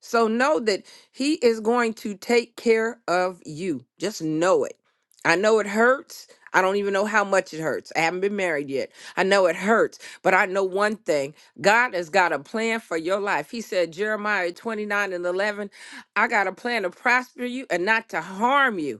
So know that he is going to take care of you. Just know it. I know it hurts. I don't even know how much it hurts. I haven't been married yet. I know it hurts, but I know one thing God has got a plan for your life. He said, Jeremiah 29 and 11, I got a plan to prosper you and not to harm you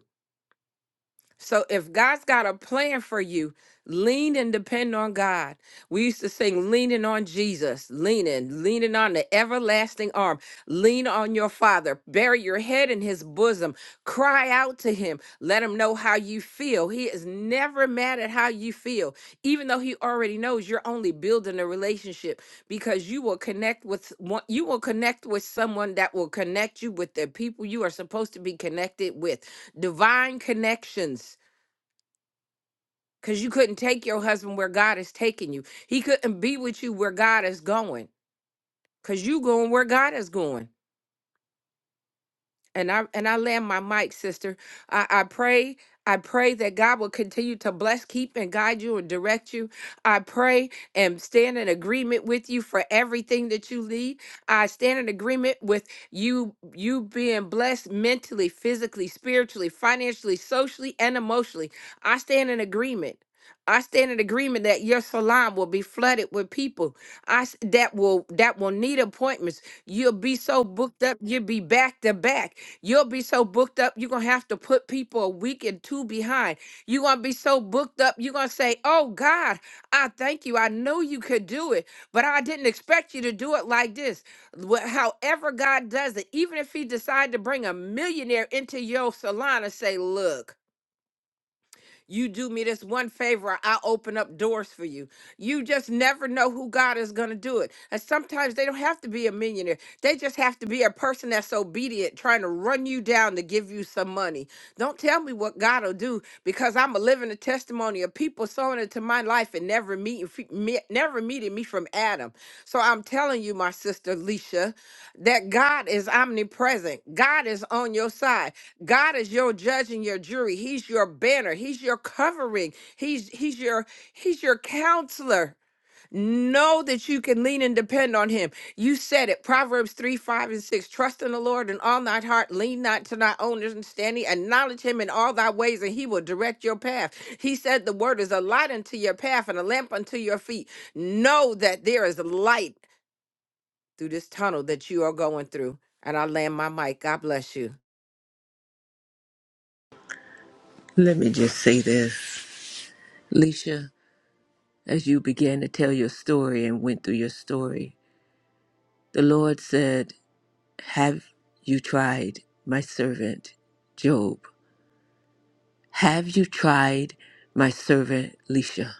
so if God's got a plan for you, lean and depend on God. We used to sing leaning on Jesus, leaning, leaning on the everlasting arm, lean on your father, bury your head in his bosom, cry out to him, let him know how you feel. He is never mad at how you feel, even though he already knows you're only building a relationship because you will connect with one, you will connect with someone that will connect you with the people you are supposed to be connected with divine connections because you couldn't take your husband where God is taking you. He couldn't be with you where God is going because you going where God is going. and I and I land my mic, sister. I, I pray, I pray that God will continue to bless, keep, and guide you and direct you. I pray and stand in agreement with you for everything that you lead. I stand in agreement with you, you being blessed mentally, physically, spiritually, financially, socially, and emotionally. I stand in agreement. I stand in agreement that your salon will be flooded with people I, s- that will that will need appointments. You'll be so booked up, you'll be back to back You'll be so booked up, you're going to have to put people a week and two behind. You're going to be so booked up, you're going to say, Oh God, I thank you. I know you could do it, but I didn't expect you to do it like this. Wh- However, God does it, even if He decided to bring a millionaire into your salon and say, Look, you do me this one favor, I'll open up doors for you. You just never know who God is going to do it. And sometimes they don't have to be a millionaire, they just have to be a person that's obedient, trying to run you down to give you some money. Don't tell me what God will do because I'm a living a testimony of people sowing into my life and never meeting, fe- me- never meeting me from Adam. So I'm telling you, my sister Leisha, that God is omnipresent. God is on your side. God is your judge and your jury. He's your banner. He's your covering. He's he's your he's your counselor. Know that you can lean and depend on him. You said it. Proverbs 3, 5, and 6. Trust in the Lord in all thy heart. Lean not to thy own understanding. Acknowledge him in all thy ways, and he will direct your path. He said the word is a light unto your path and a lamp unto your feet. Know that there is light through this tunnel that you are going through. And I land my mic. God bless you. Let me just say this. Leisha, as you began to tell your story and went through your story, the Lord said. Have you tried my servant Job? Have you tried my servant Lisha?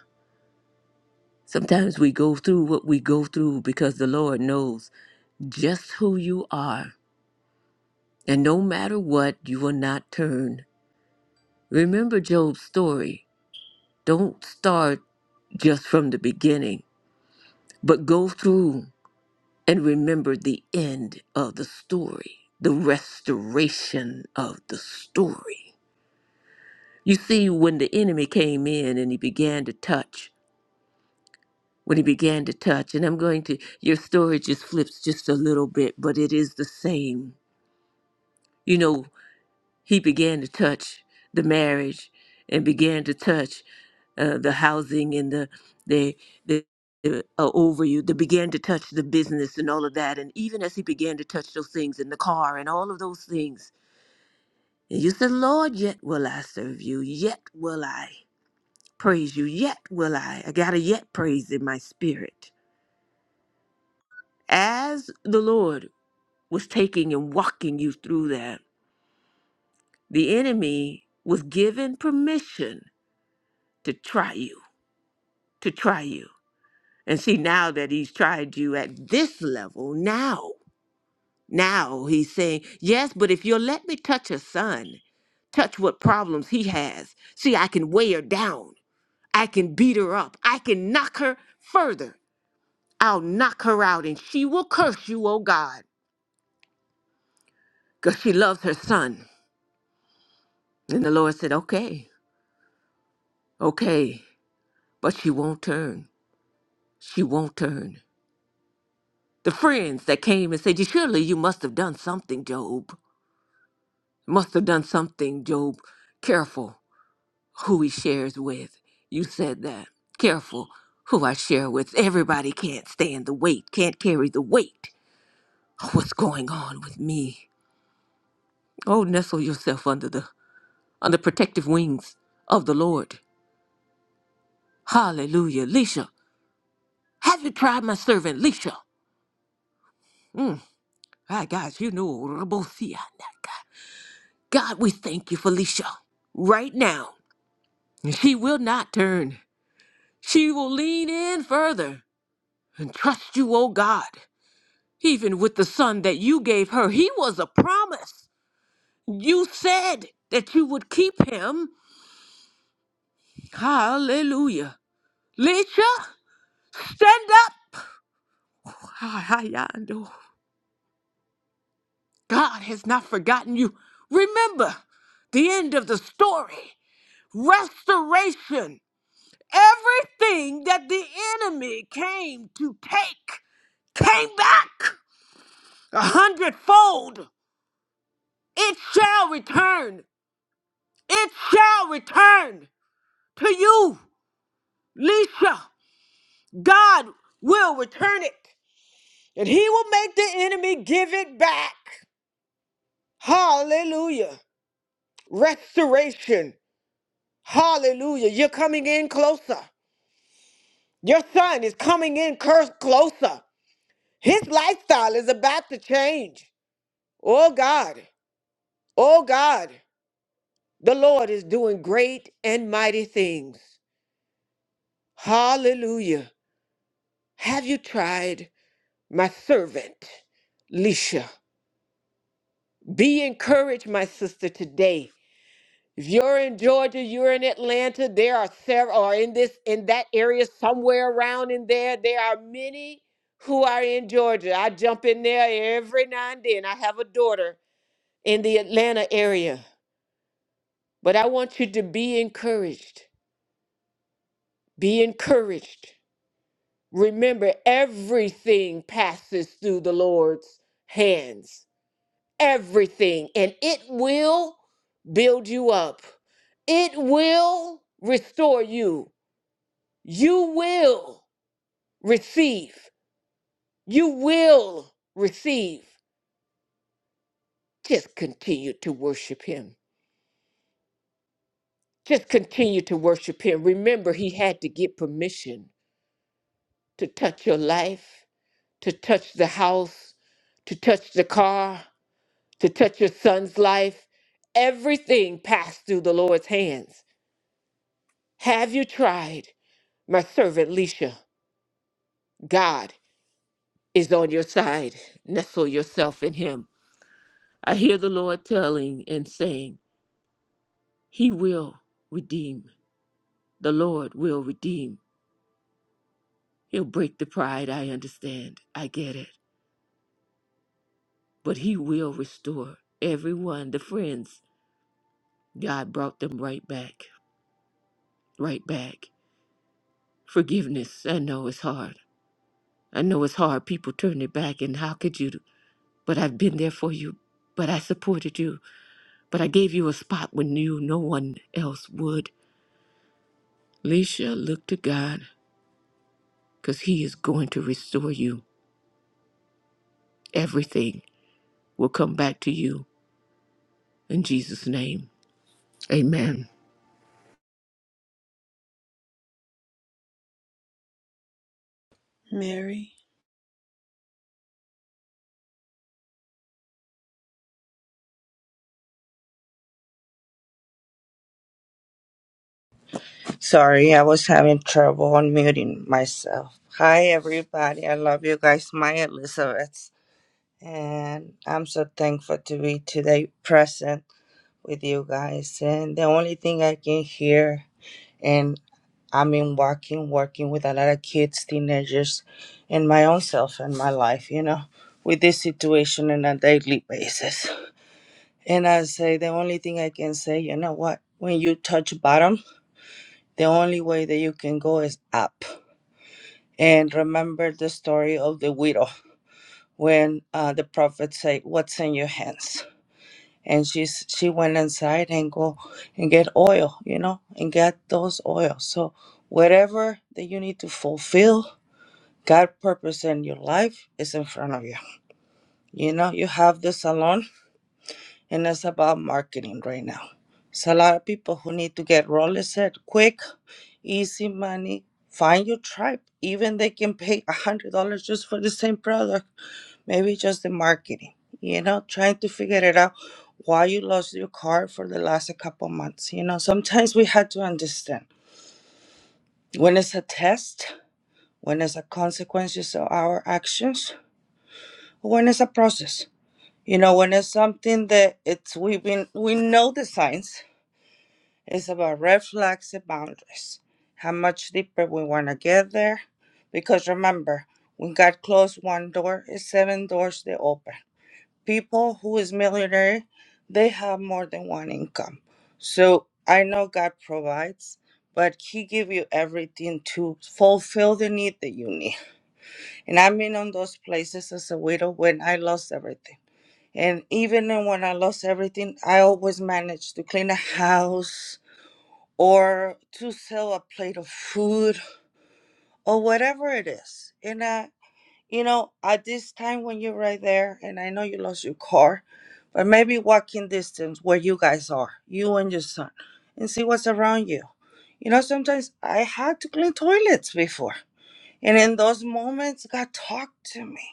Sometimes we go through what we go through because the Lord knows just who you are. And no matter what, you will not turn. Remember Job's story. Don't start just from the beginning, but go through and remember the end of the story, the restoration of the story. You see, when the enemy came in and he began to touch, when he began to touch, and I'm going to, your story just flips just a little bit, but it is the same. You know, he began to touch the marriage and began to touch uh, the housing and the, the, the, the uh, over you, that began to touch the business and all of that. And even as he began to touch those things in the car and all of those things, and you said, Lord, yet will I serve you, yet will I. praise you. Yet will I. I got a yet praise in my spirit. As the Lord was taking and walking you through that, the enemy was given permission to try you, to try you. And see, now that he's tried you at this level, now, now he's saying, yes, but if you'll let me touch a son, touch what problems he has, see, I can weigh her down. I can beat her up. I can knock her further I'll knock her out and she will curse you, oh God, because she loves her son. And the Lord said, Okay, okay, but she won't turn. She won't turn. The friends that came and said, "You- Surely you must have done something, Job. Must have done something, Job. Careful who he shares with. You said that. Careful who I share with. Everybody can't stand the weight, can't carry the weight. of What's going on with me? Oh, nestle yourself under the on the protective wings of the Lord. Hallelujah. Lisha, have you tried my servant, Lisha? Mm, my gosh, you know, Rabosia. God, we thank you for Lisha right now. She will not turn. She will lean in further and trust you, oh God. Even with the son that you gave her, he was a promise. You said that you would keep him. Hallelujah. Lisha, stand up. God has not forgotten you. Remember the end of the story restoration. Everything that the enemy came to take came back a hundredfold. It shall return. It shall return to you, Lisha. God will return it, and He will make the enemy give it back. Hallelujah. Restoration. Hallelujah. You're coming in closer. Your son is coming in cursed closer. His lifestyle is about to change. Oh God, oh God, the Lord is doing great and mighty things. Hallelujah. Have you tried my servant, Lisha? Be encouraged, my sister, today. If you're in Georgia, you're in Atlanta, there are several or in this in that area somewhere around in there, there are many who are in Georgia. I jump in there every now and then. I have a daughter in the Atlanta area. But I want you to be encouraged. Be encouraged. Remember everything passes through the Lord's hands. Everything and it will build you up. It will restore you You will receive. You will receive. Just continue to worship him. Just continue to worship him. Remember, he had to get permission to touch your life, to touch the house, to touch the car, to touch your son's life. Everything passed through the Lord's hands. Have you tried? My servant Leisha, God is on your side. Nestle yourself in him. I hear the Lord telling and saying, He will redeem. The Lord will redeem. He'll break the pride. I understand. I get it. But He will restore everyone, the friends. God brought them right back, right back. Forgiveness. I know it's hard. I know it's hard. People turn their back, and how could you? But I've been there for you. But I supported you. But I gave you a spot when you no one else would. Leisha, look to God, because He is going to restore you. Everything will come back to you In Jesus' name, amen. Mary, Sorry, I was having trouble unmuting myself. Hi, everybody. I love you guys. My Elizabeth. And I'm so thankful to be today present with you guys. And the only thing I can hear, and I mean, walking, working with a lot of kids, teenagers, and my own self and my life, you know, with this situation on a daily basis. And I say, the only thing I can say, you know what? When you touch bottom, the only way that you can go is up and remember the story of the widow when uh, the prophet said what's in your hands and she's she went inside and go and get oil you know and get those oils so whatever that you need to fulfill god purpose in your life is in front of you you know you have the salon and it's about marketing right now it's a lot of people who need to get roller set quick easy money find your tribe even they can pay a hundred dollars just for the same product maybe just the marketing you know trying to figure it out why you lost your car for the last a couple months you know sometimes we had to understand when it's a test when it's a consequences of our actions when it's a process you know when it's something that it's we've been we know the signs it's about red flags and boundaries how much deeper we want to get there because remember when god closed one door it's seven doors they open people who is millionaire they have more than one income so i know god provides but he give you everything to fulfill the need that you need and i've been on those places as a widow when i lost everything and even then when i lost everything i always managed to clean a house or to sell a plate of food or whatever it is And uh, you know, at this time when you're right there, and I know you lost your car, but maybe walking distance where you guys are, you and your son, and see what's around you. You know, sometimes I had to clean toilets before. And in those moments, God talked to me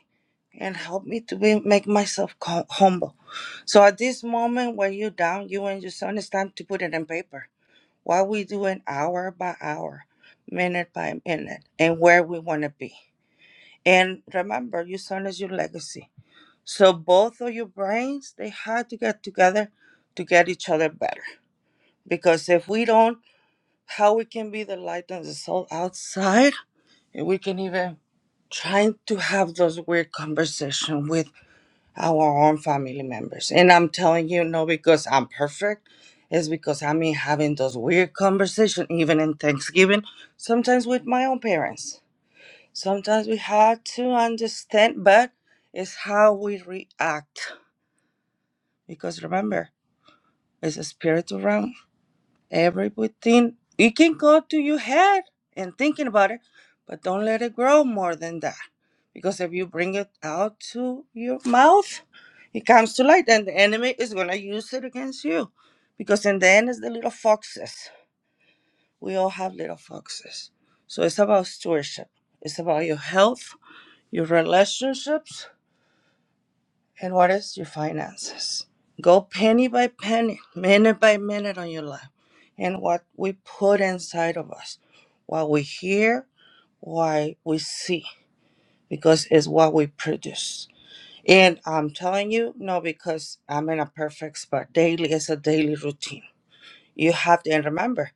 and helped me to be, make myself co- humble. So at this moment when you're down, you and your son, it's time to put it in paper. What we do in hour by hour, minute by minute, and where we want to be. And remember, your son is your legacy. So both of your brains, they had to get together to get each other better. Because if we don't, how we can be the light and the soul outside, and we can even trying to have those weird conversation with our own family members. And I'm telling you, no, because I'm perfect. It's because I'm in having those weird conversation, even in Thanksgiving, sometimes with my own parents Sometimes we have to understand, but it's how we react. Because remember, it's a spiritual realm. Everything it can go to your head and thinking about it, but don't let it grow more than that. Because if you bring it out to your mouth, it comes to light, and the enemy is gonna use it against you. Because in the end, it's the little foxes. We all have little foxes. So it's about stewardship. It's about your health, your relationships, And what is your finances? Go penny by penny, minute by minute on your life. And what we put inside of us, what we hear, what we see, because it's what we produce. And I'm telling you, no, because I'm in a perfect spot. Daily is a daily routine. You have to and remember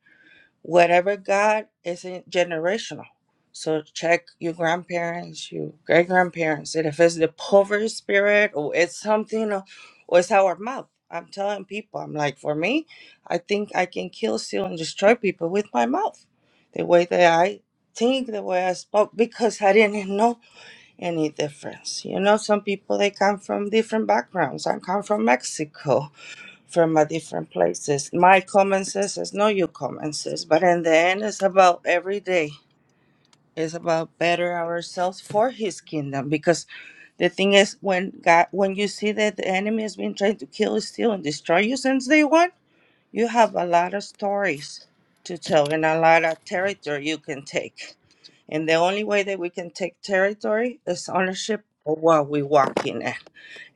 whatever God isn't generational. So check your grandparents, your great grandparents, and if it's the poverty spirit or it's something, uh, or it's our mouth. I'm telling people, I'm like, for me, I think I can kill, steal, and destroy people with my mouth, the way that I think, the way I spoke, because I didn't know any difference. You know, some people they come from different backgrounds. I come from Mexico from a different places. My common sense is not your common sense, but in the end, it's about every day. It's about better ourselves for His kingdom. Because the thing is, when God, when you see that the enemy has been trying to kill, steal, and destroy you since day one, you have a lot of stories to tell and a lot of territory you can take. And the only way that we can take territory is ownership of what we walk in.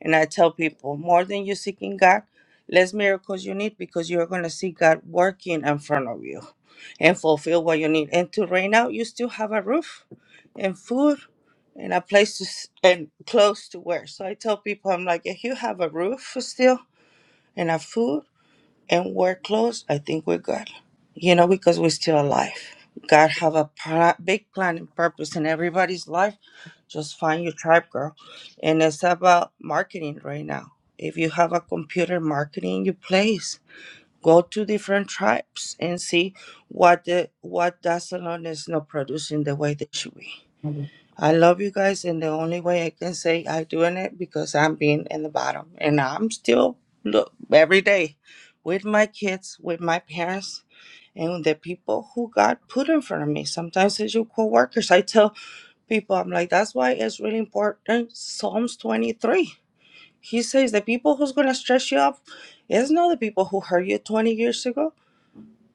And I tell people, more than you seeking God, less miracles you need because you're going to see God working in front of you and fulfill what you need. And to right now, you still have a roof and food and a place to s- and clothes to wear. So I tell people, I'm like, if you have a roof still and a food and wear clothes, I think we're good. You know, because we're still alive. God have a pl- big plan and purpose in everybody's life just find your tribe, girl. And it's about marketing right now. If you have a computer marketing in your place, go to different tribes and see what the what that salon is not producing the way they should be. Mhm. I love you guys, and the only way I can say I'm doing it because I'm being in the bottom, and I'm still look every day with my kids, with my parents, and the people who God put in front of me. Sometimes it's your coworkers. I tell people. I'm like, that's why it's really important. Psalms 23. He says the people who's gonna stress you up is not the people who hurt you 20 years ago.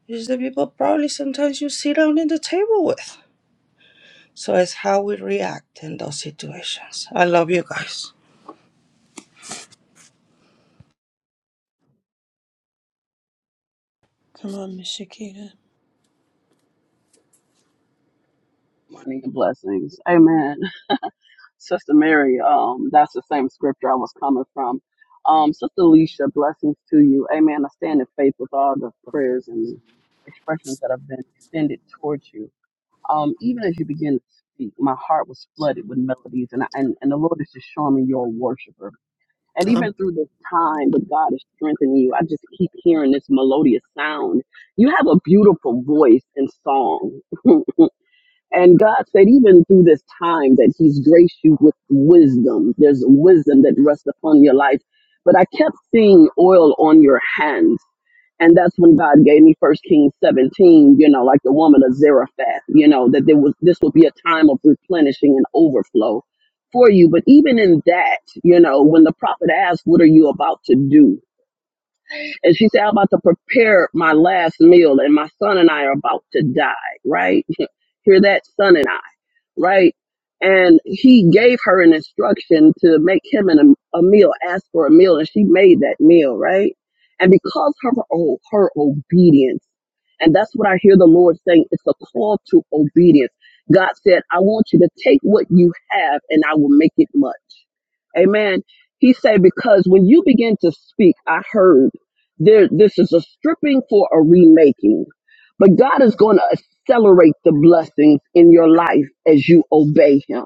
It's the people probably sometimes you sit down at the table with. So it's how we react in those situations. I love you guys. come on, Miss Shakita. Morning and blessings. Amen. Sister Mary, um, that's the same scripture I was coming from. Um, Sister Alicia, blessings to you. Amen. I stand in faith with all the prayers and expressions that have been extended towards you. Um, even as you begin to speak, my heart was flooded with melodies, and, I, and, and the Lord is just showing me you're a worshiper. And even through this time that God is strengthening you, I just keep hearing this melodious sound. You have a beautiful voice and song. [LAUGHS] And God said, even through this time, that He's graced you with wisdom. There's wisdom that rests upon your life. But I kept seeing oil on your hands. And that's when God gave me First Kings 17, you know, like the woman of Zarephath, you know, that there was this would be a time of replenishing and overflow for you. But even in that, you know, when the prophet asked, What are you about to do? And she said, I'm about to prepare my last meal, and my son and I are about to die, right? [LAUGHS] Hear that, son and I right? And he gave her an instruction to make him an, a meal, ask for a meal, and she made that meal, right? And because of her, o- her obedience, and that's what I hear the Lord saying, it's a call to obedience. God said, I want you to take what you have and I will make it much. Amen. He said, because when you begin to speak, I heard there, this is a stripping for a remaking. But God is going to accelerate the blessings in your life as you obey Him.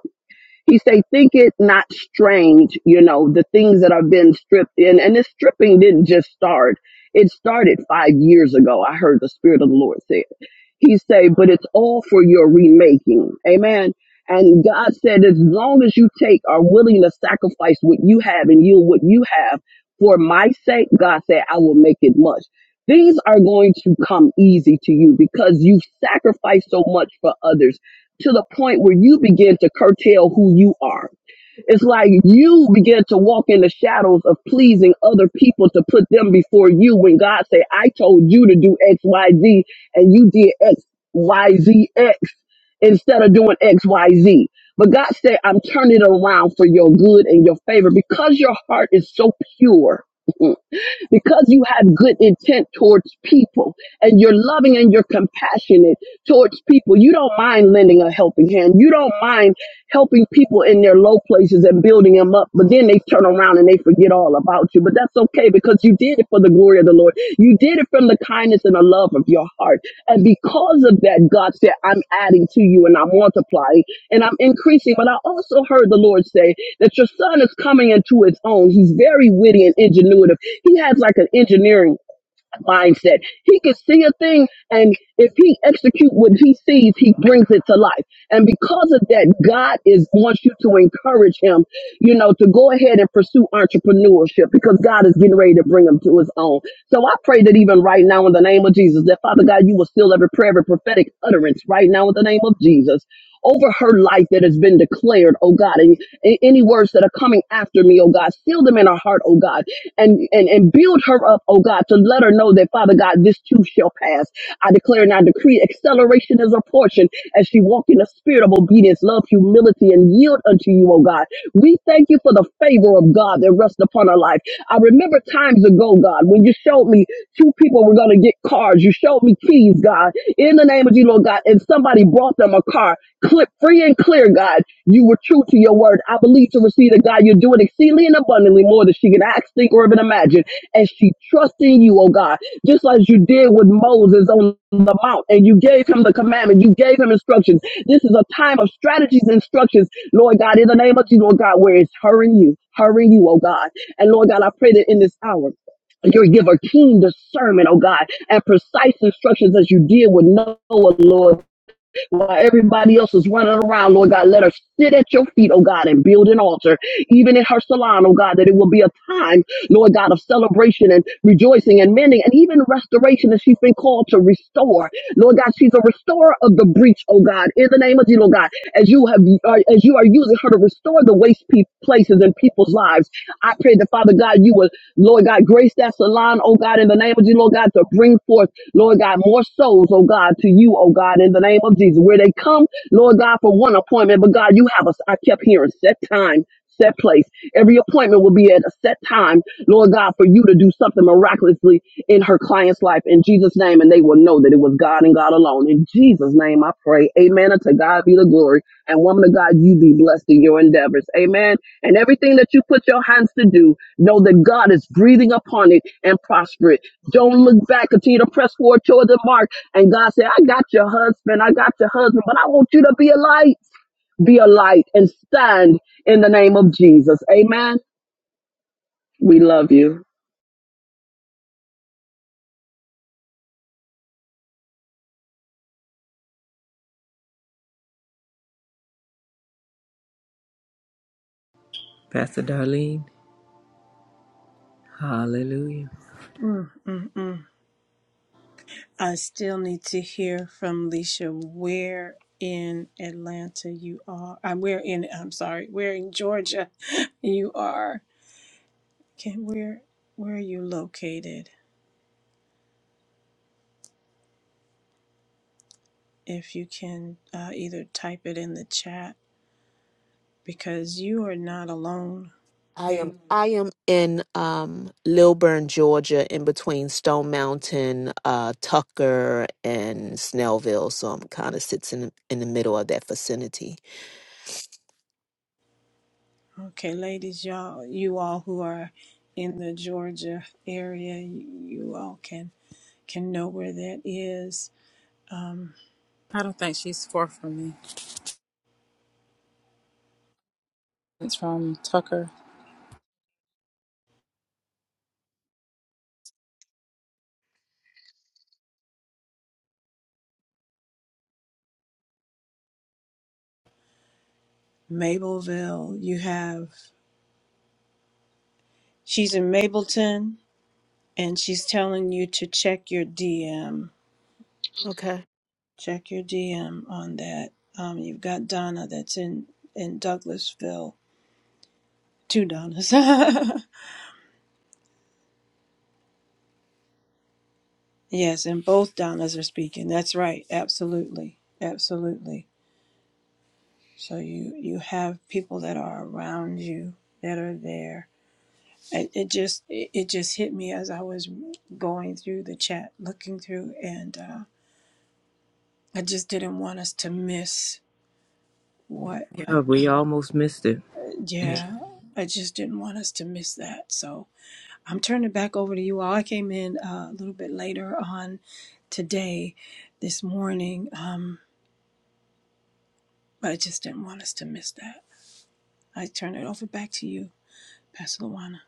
He say, think it not strange, you know, the things that have been stripped in. And this stripping didn't just start. It started five years ago. I heard the Spirit of the Lord say it. He say, but it's all for your remaking. Amen. And God said, as long as you take, are willing to sacrifice what you have and yield what you have for my sake, God said, I will make it much. Things are going to come easy to you because you've sacrificed so much for others to the point where you begin to curtail who you are. It's like you begin to walk in the shadows of pleasing other people to put them before you when God say, I told you to do X, Y, Z, and you did X, Y, Z, X instead of doing X, Y, Z. But God said, I'm turning it around for your good and your favor because your heart is so pure because you have good intent towards people and you're loving and you're compassionate towards people. You don't mind lending a helping hand. You don't mind helping people in their low places and building them up, but then they turn around and they forget all about you. But that's okay because you did it for the glory of the Lord. You did it from the kindness and the love of your heart. And because of that, God said, I'm adding to you and I'm multiplying and I'm increasing. But I also heard the Lord say that your son is coming into his own. He's very witty and ingenuitive he has like an engineering mindset. He can see a thing, and if he execute what he sees, he brings it to life. And because of that, God is wants you to encourage him, you know, to go ahead and pursue entrepreneurship because God is getting ready to bring him to his own. So I pray that even right now, in the name of Jesus, that Father God, you will seal every prayer, every prophetic utterance right now, in the name of Jesus, over her life that has been declared, oh God. And a- Any words that are coming after me, oh God, seal them in her heart, oh God, and, and, and build her up, oh God, to let her know that, Father God, this too shall pass. I declare and I decree acceleration is her portion as she walk in the spirit of obedience, love, humility, and yield unto you, oh God. We thank you for the favor of God that rests upon her life. I remember times ago, God, when you showed me two people were going to get cars. You showed me keys, God, in the name of you, Lord God, and somebody brought them a car, clip free and clear, God. You were true to your word. I believe to receive that God, you're doing exceedingly and abundantly more than she could ask, think, or even imagine. And she trusts in you, oh God, just like you did with Moses on the mount and you gave him the commandment, you gave him instructions. This is a time of strategies and instructions, Lord God, in the name of Jesus, Lord God, where it's her hurrying you, her hurrying you, oh God. And Lord God, I pray that in this hour, you give her keen discernment, oh God, and precise instructions as you did with Noah, Lord while everybody else is running around, Lord God. Let her sit at your feet, oh God, and build an altar, even in her salon, oh God, that it will be a time, Lord God, of celebration and rejoicing and mending and even restoration that she's been called to restore. Lord God, she's a restorer of the breach, oh God, in the name of Jesus, Lord God, as you have, uh, as you are using her to restore the waste pe- places in people's lives. I pray that Father God, you will Lord God, grace that salon, oh God, in the name of Jesus, Lord God, to bring forth, Lord God, more souls, oh God, to you, oh God, in the name of Jesus. Where they come, Lord God, for one appointment, but God, you have us, I kept hearing, set time. Set place. Every appointment will be at a set time, Lord God, for you to do something miraculously in her client's life in Jesus' name, and they will know that it was God and God alone. In Jesus' name, I pray. Amen. And to God be the glory. And woman of God, you be blessed in your endeavors. Amen. And everything that you put your hands to do, Know that God is breathing upon it and prosper it. Don't look back. Continue to press forward toward the mark. And God said, I got your husband. I got your husband, but I want you to be a light. Be a light and stand in the name of Jesus. Amen. We love you. Pastor Darlene, hallelujah. Mm, mm, mm. I still need to hear from Leisha where in Atlanta you are. I'm where in I'm sorry, where in Georgia [LAUGHS] you are. Can where where are you located? If you can uh, either type it in the chat because you are not alone. There. Okay, ladies, y'all, you all who are in the Georgia area, you, you all can can know where that is. Um, I don't think she's far from me. It's from Tucker. Mableville. You have she's in Mableton, and she's telling you to check your DM. Check your DM on that. Um, you've got Donna that's in in Douglasville. Two Donnas. [LAUGHS] yes, and both Donnas are speaking. That's right. Absolutely, absolutely. So you you have people that are around you that are there. It, it just it, it just hit me as I was going through the chat, looking through, and uh, I just didn't want us to miss what. Yeah, Uh, we almost missed it. Hey, yeah, I just didn't want us to miss that. So I'm turning it back over to you all. I came in uh, a little bit later on today, this morning, um, but I just didn't want us to miss that. I turn it over back to you, Pastor Luana.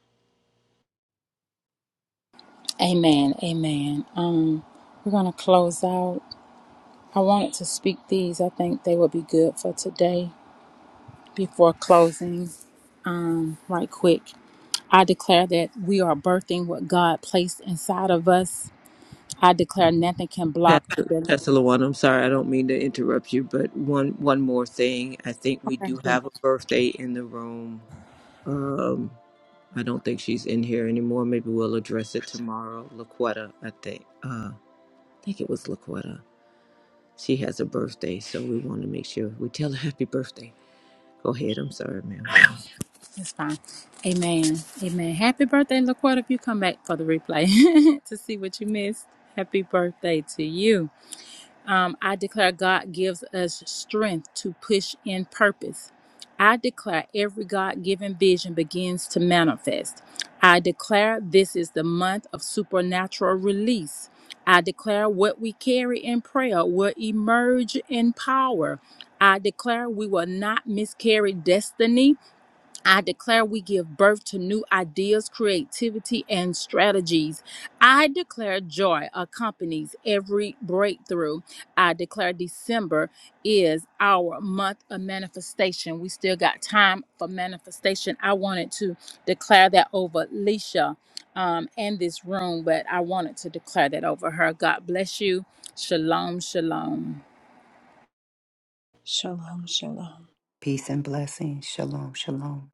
Amen. Amen. Um, we're going to close out. I wanted to speak these. I think they would be good for today before closing. Um, right quick. I declare that we are birthing what God placed inside of us. I declare nothing can block or Pastor, delay. Pastor Luana, I'm sorry, I don't mean to interrupt you, but one one more thing. I think we Okay, do good. have a birthday in the room. Um, I don't think she's in here anymore. Maybe we'll address it tomorrow. Laquetta, I think. Uh, I think it was Laquetta. She has a birthday, so we want to make sure we tell her happy birthday. Go ahead. I'm sorry, ma'am. it's fine. Amen. Amen. Happy birthday, LaQuarta, if you come back for the replay [LAUGHS] to see what you missed. Happy birthday to you. Um, I declare God gives us strength to push in purpose. I declare every God given vision begins to manifest. I declare this is the month of supernatural release. I declare what we carry in prayer will emerge in power. I declare we will not miscarry destiny. I declare we give birth to new ideas, creativity, and strategies. I declare joy accompanies every breakthrough. I declare December is our month of manifestation. We still got time for manifestation. I wanted to declare that over Leisha um, and this room, but I wanted to declare that over her. God bless you. Shalom, shalom. Shalom, shalom. Peace and blessings. Shalom, shalom.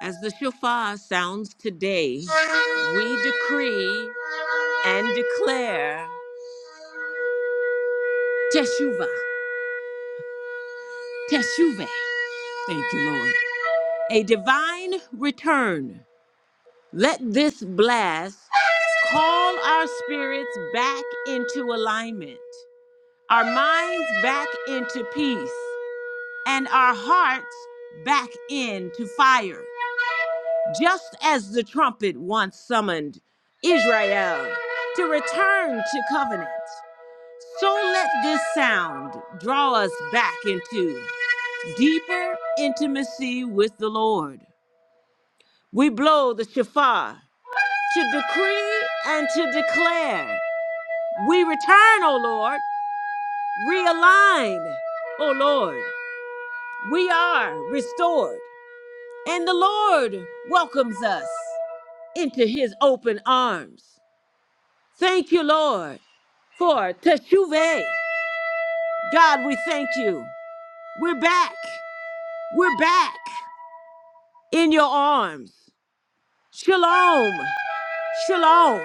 As the shofar sounds today, we decree and declare Teshuvah, Teshuvah. Thank you, Lord. a divine return. Let this blast call our spirits back into alignment, our minds back into peace, and our hearts back into fire. Just as the trumpet once summoned Israel to return to covenant, so let this sound draw us back into deeper intimacy with the Lord. We blow the shofar to decree and to declare. We return, O Lord, realign, O Lord. We are restored, and the Lord welcomes us into his open arms. Thank you, Lord, for teshuvah. God, we thank you. We're back. We're back in your arms. Shalom. Shalom.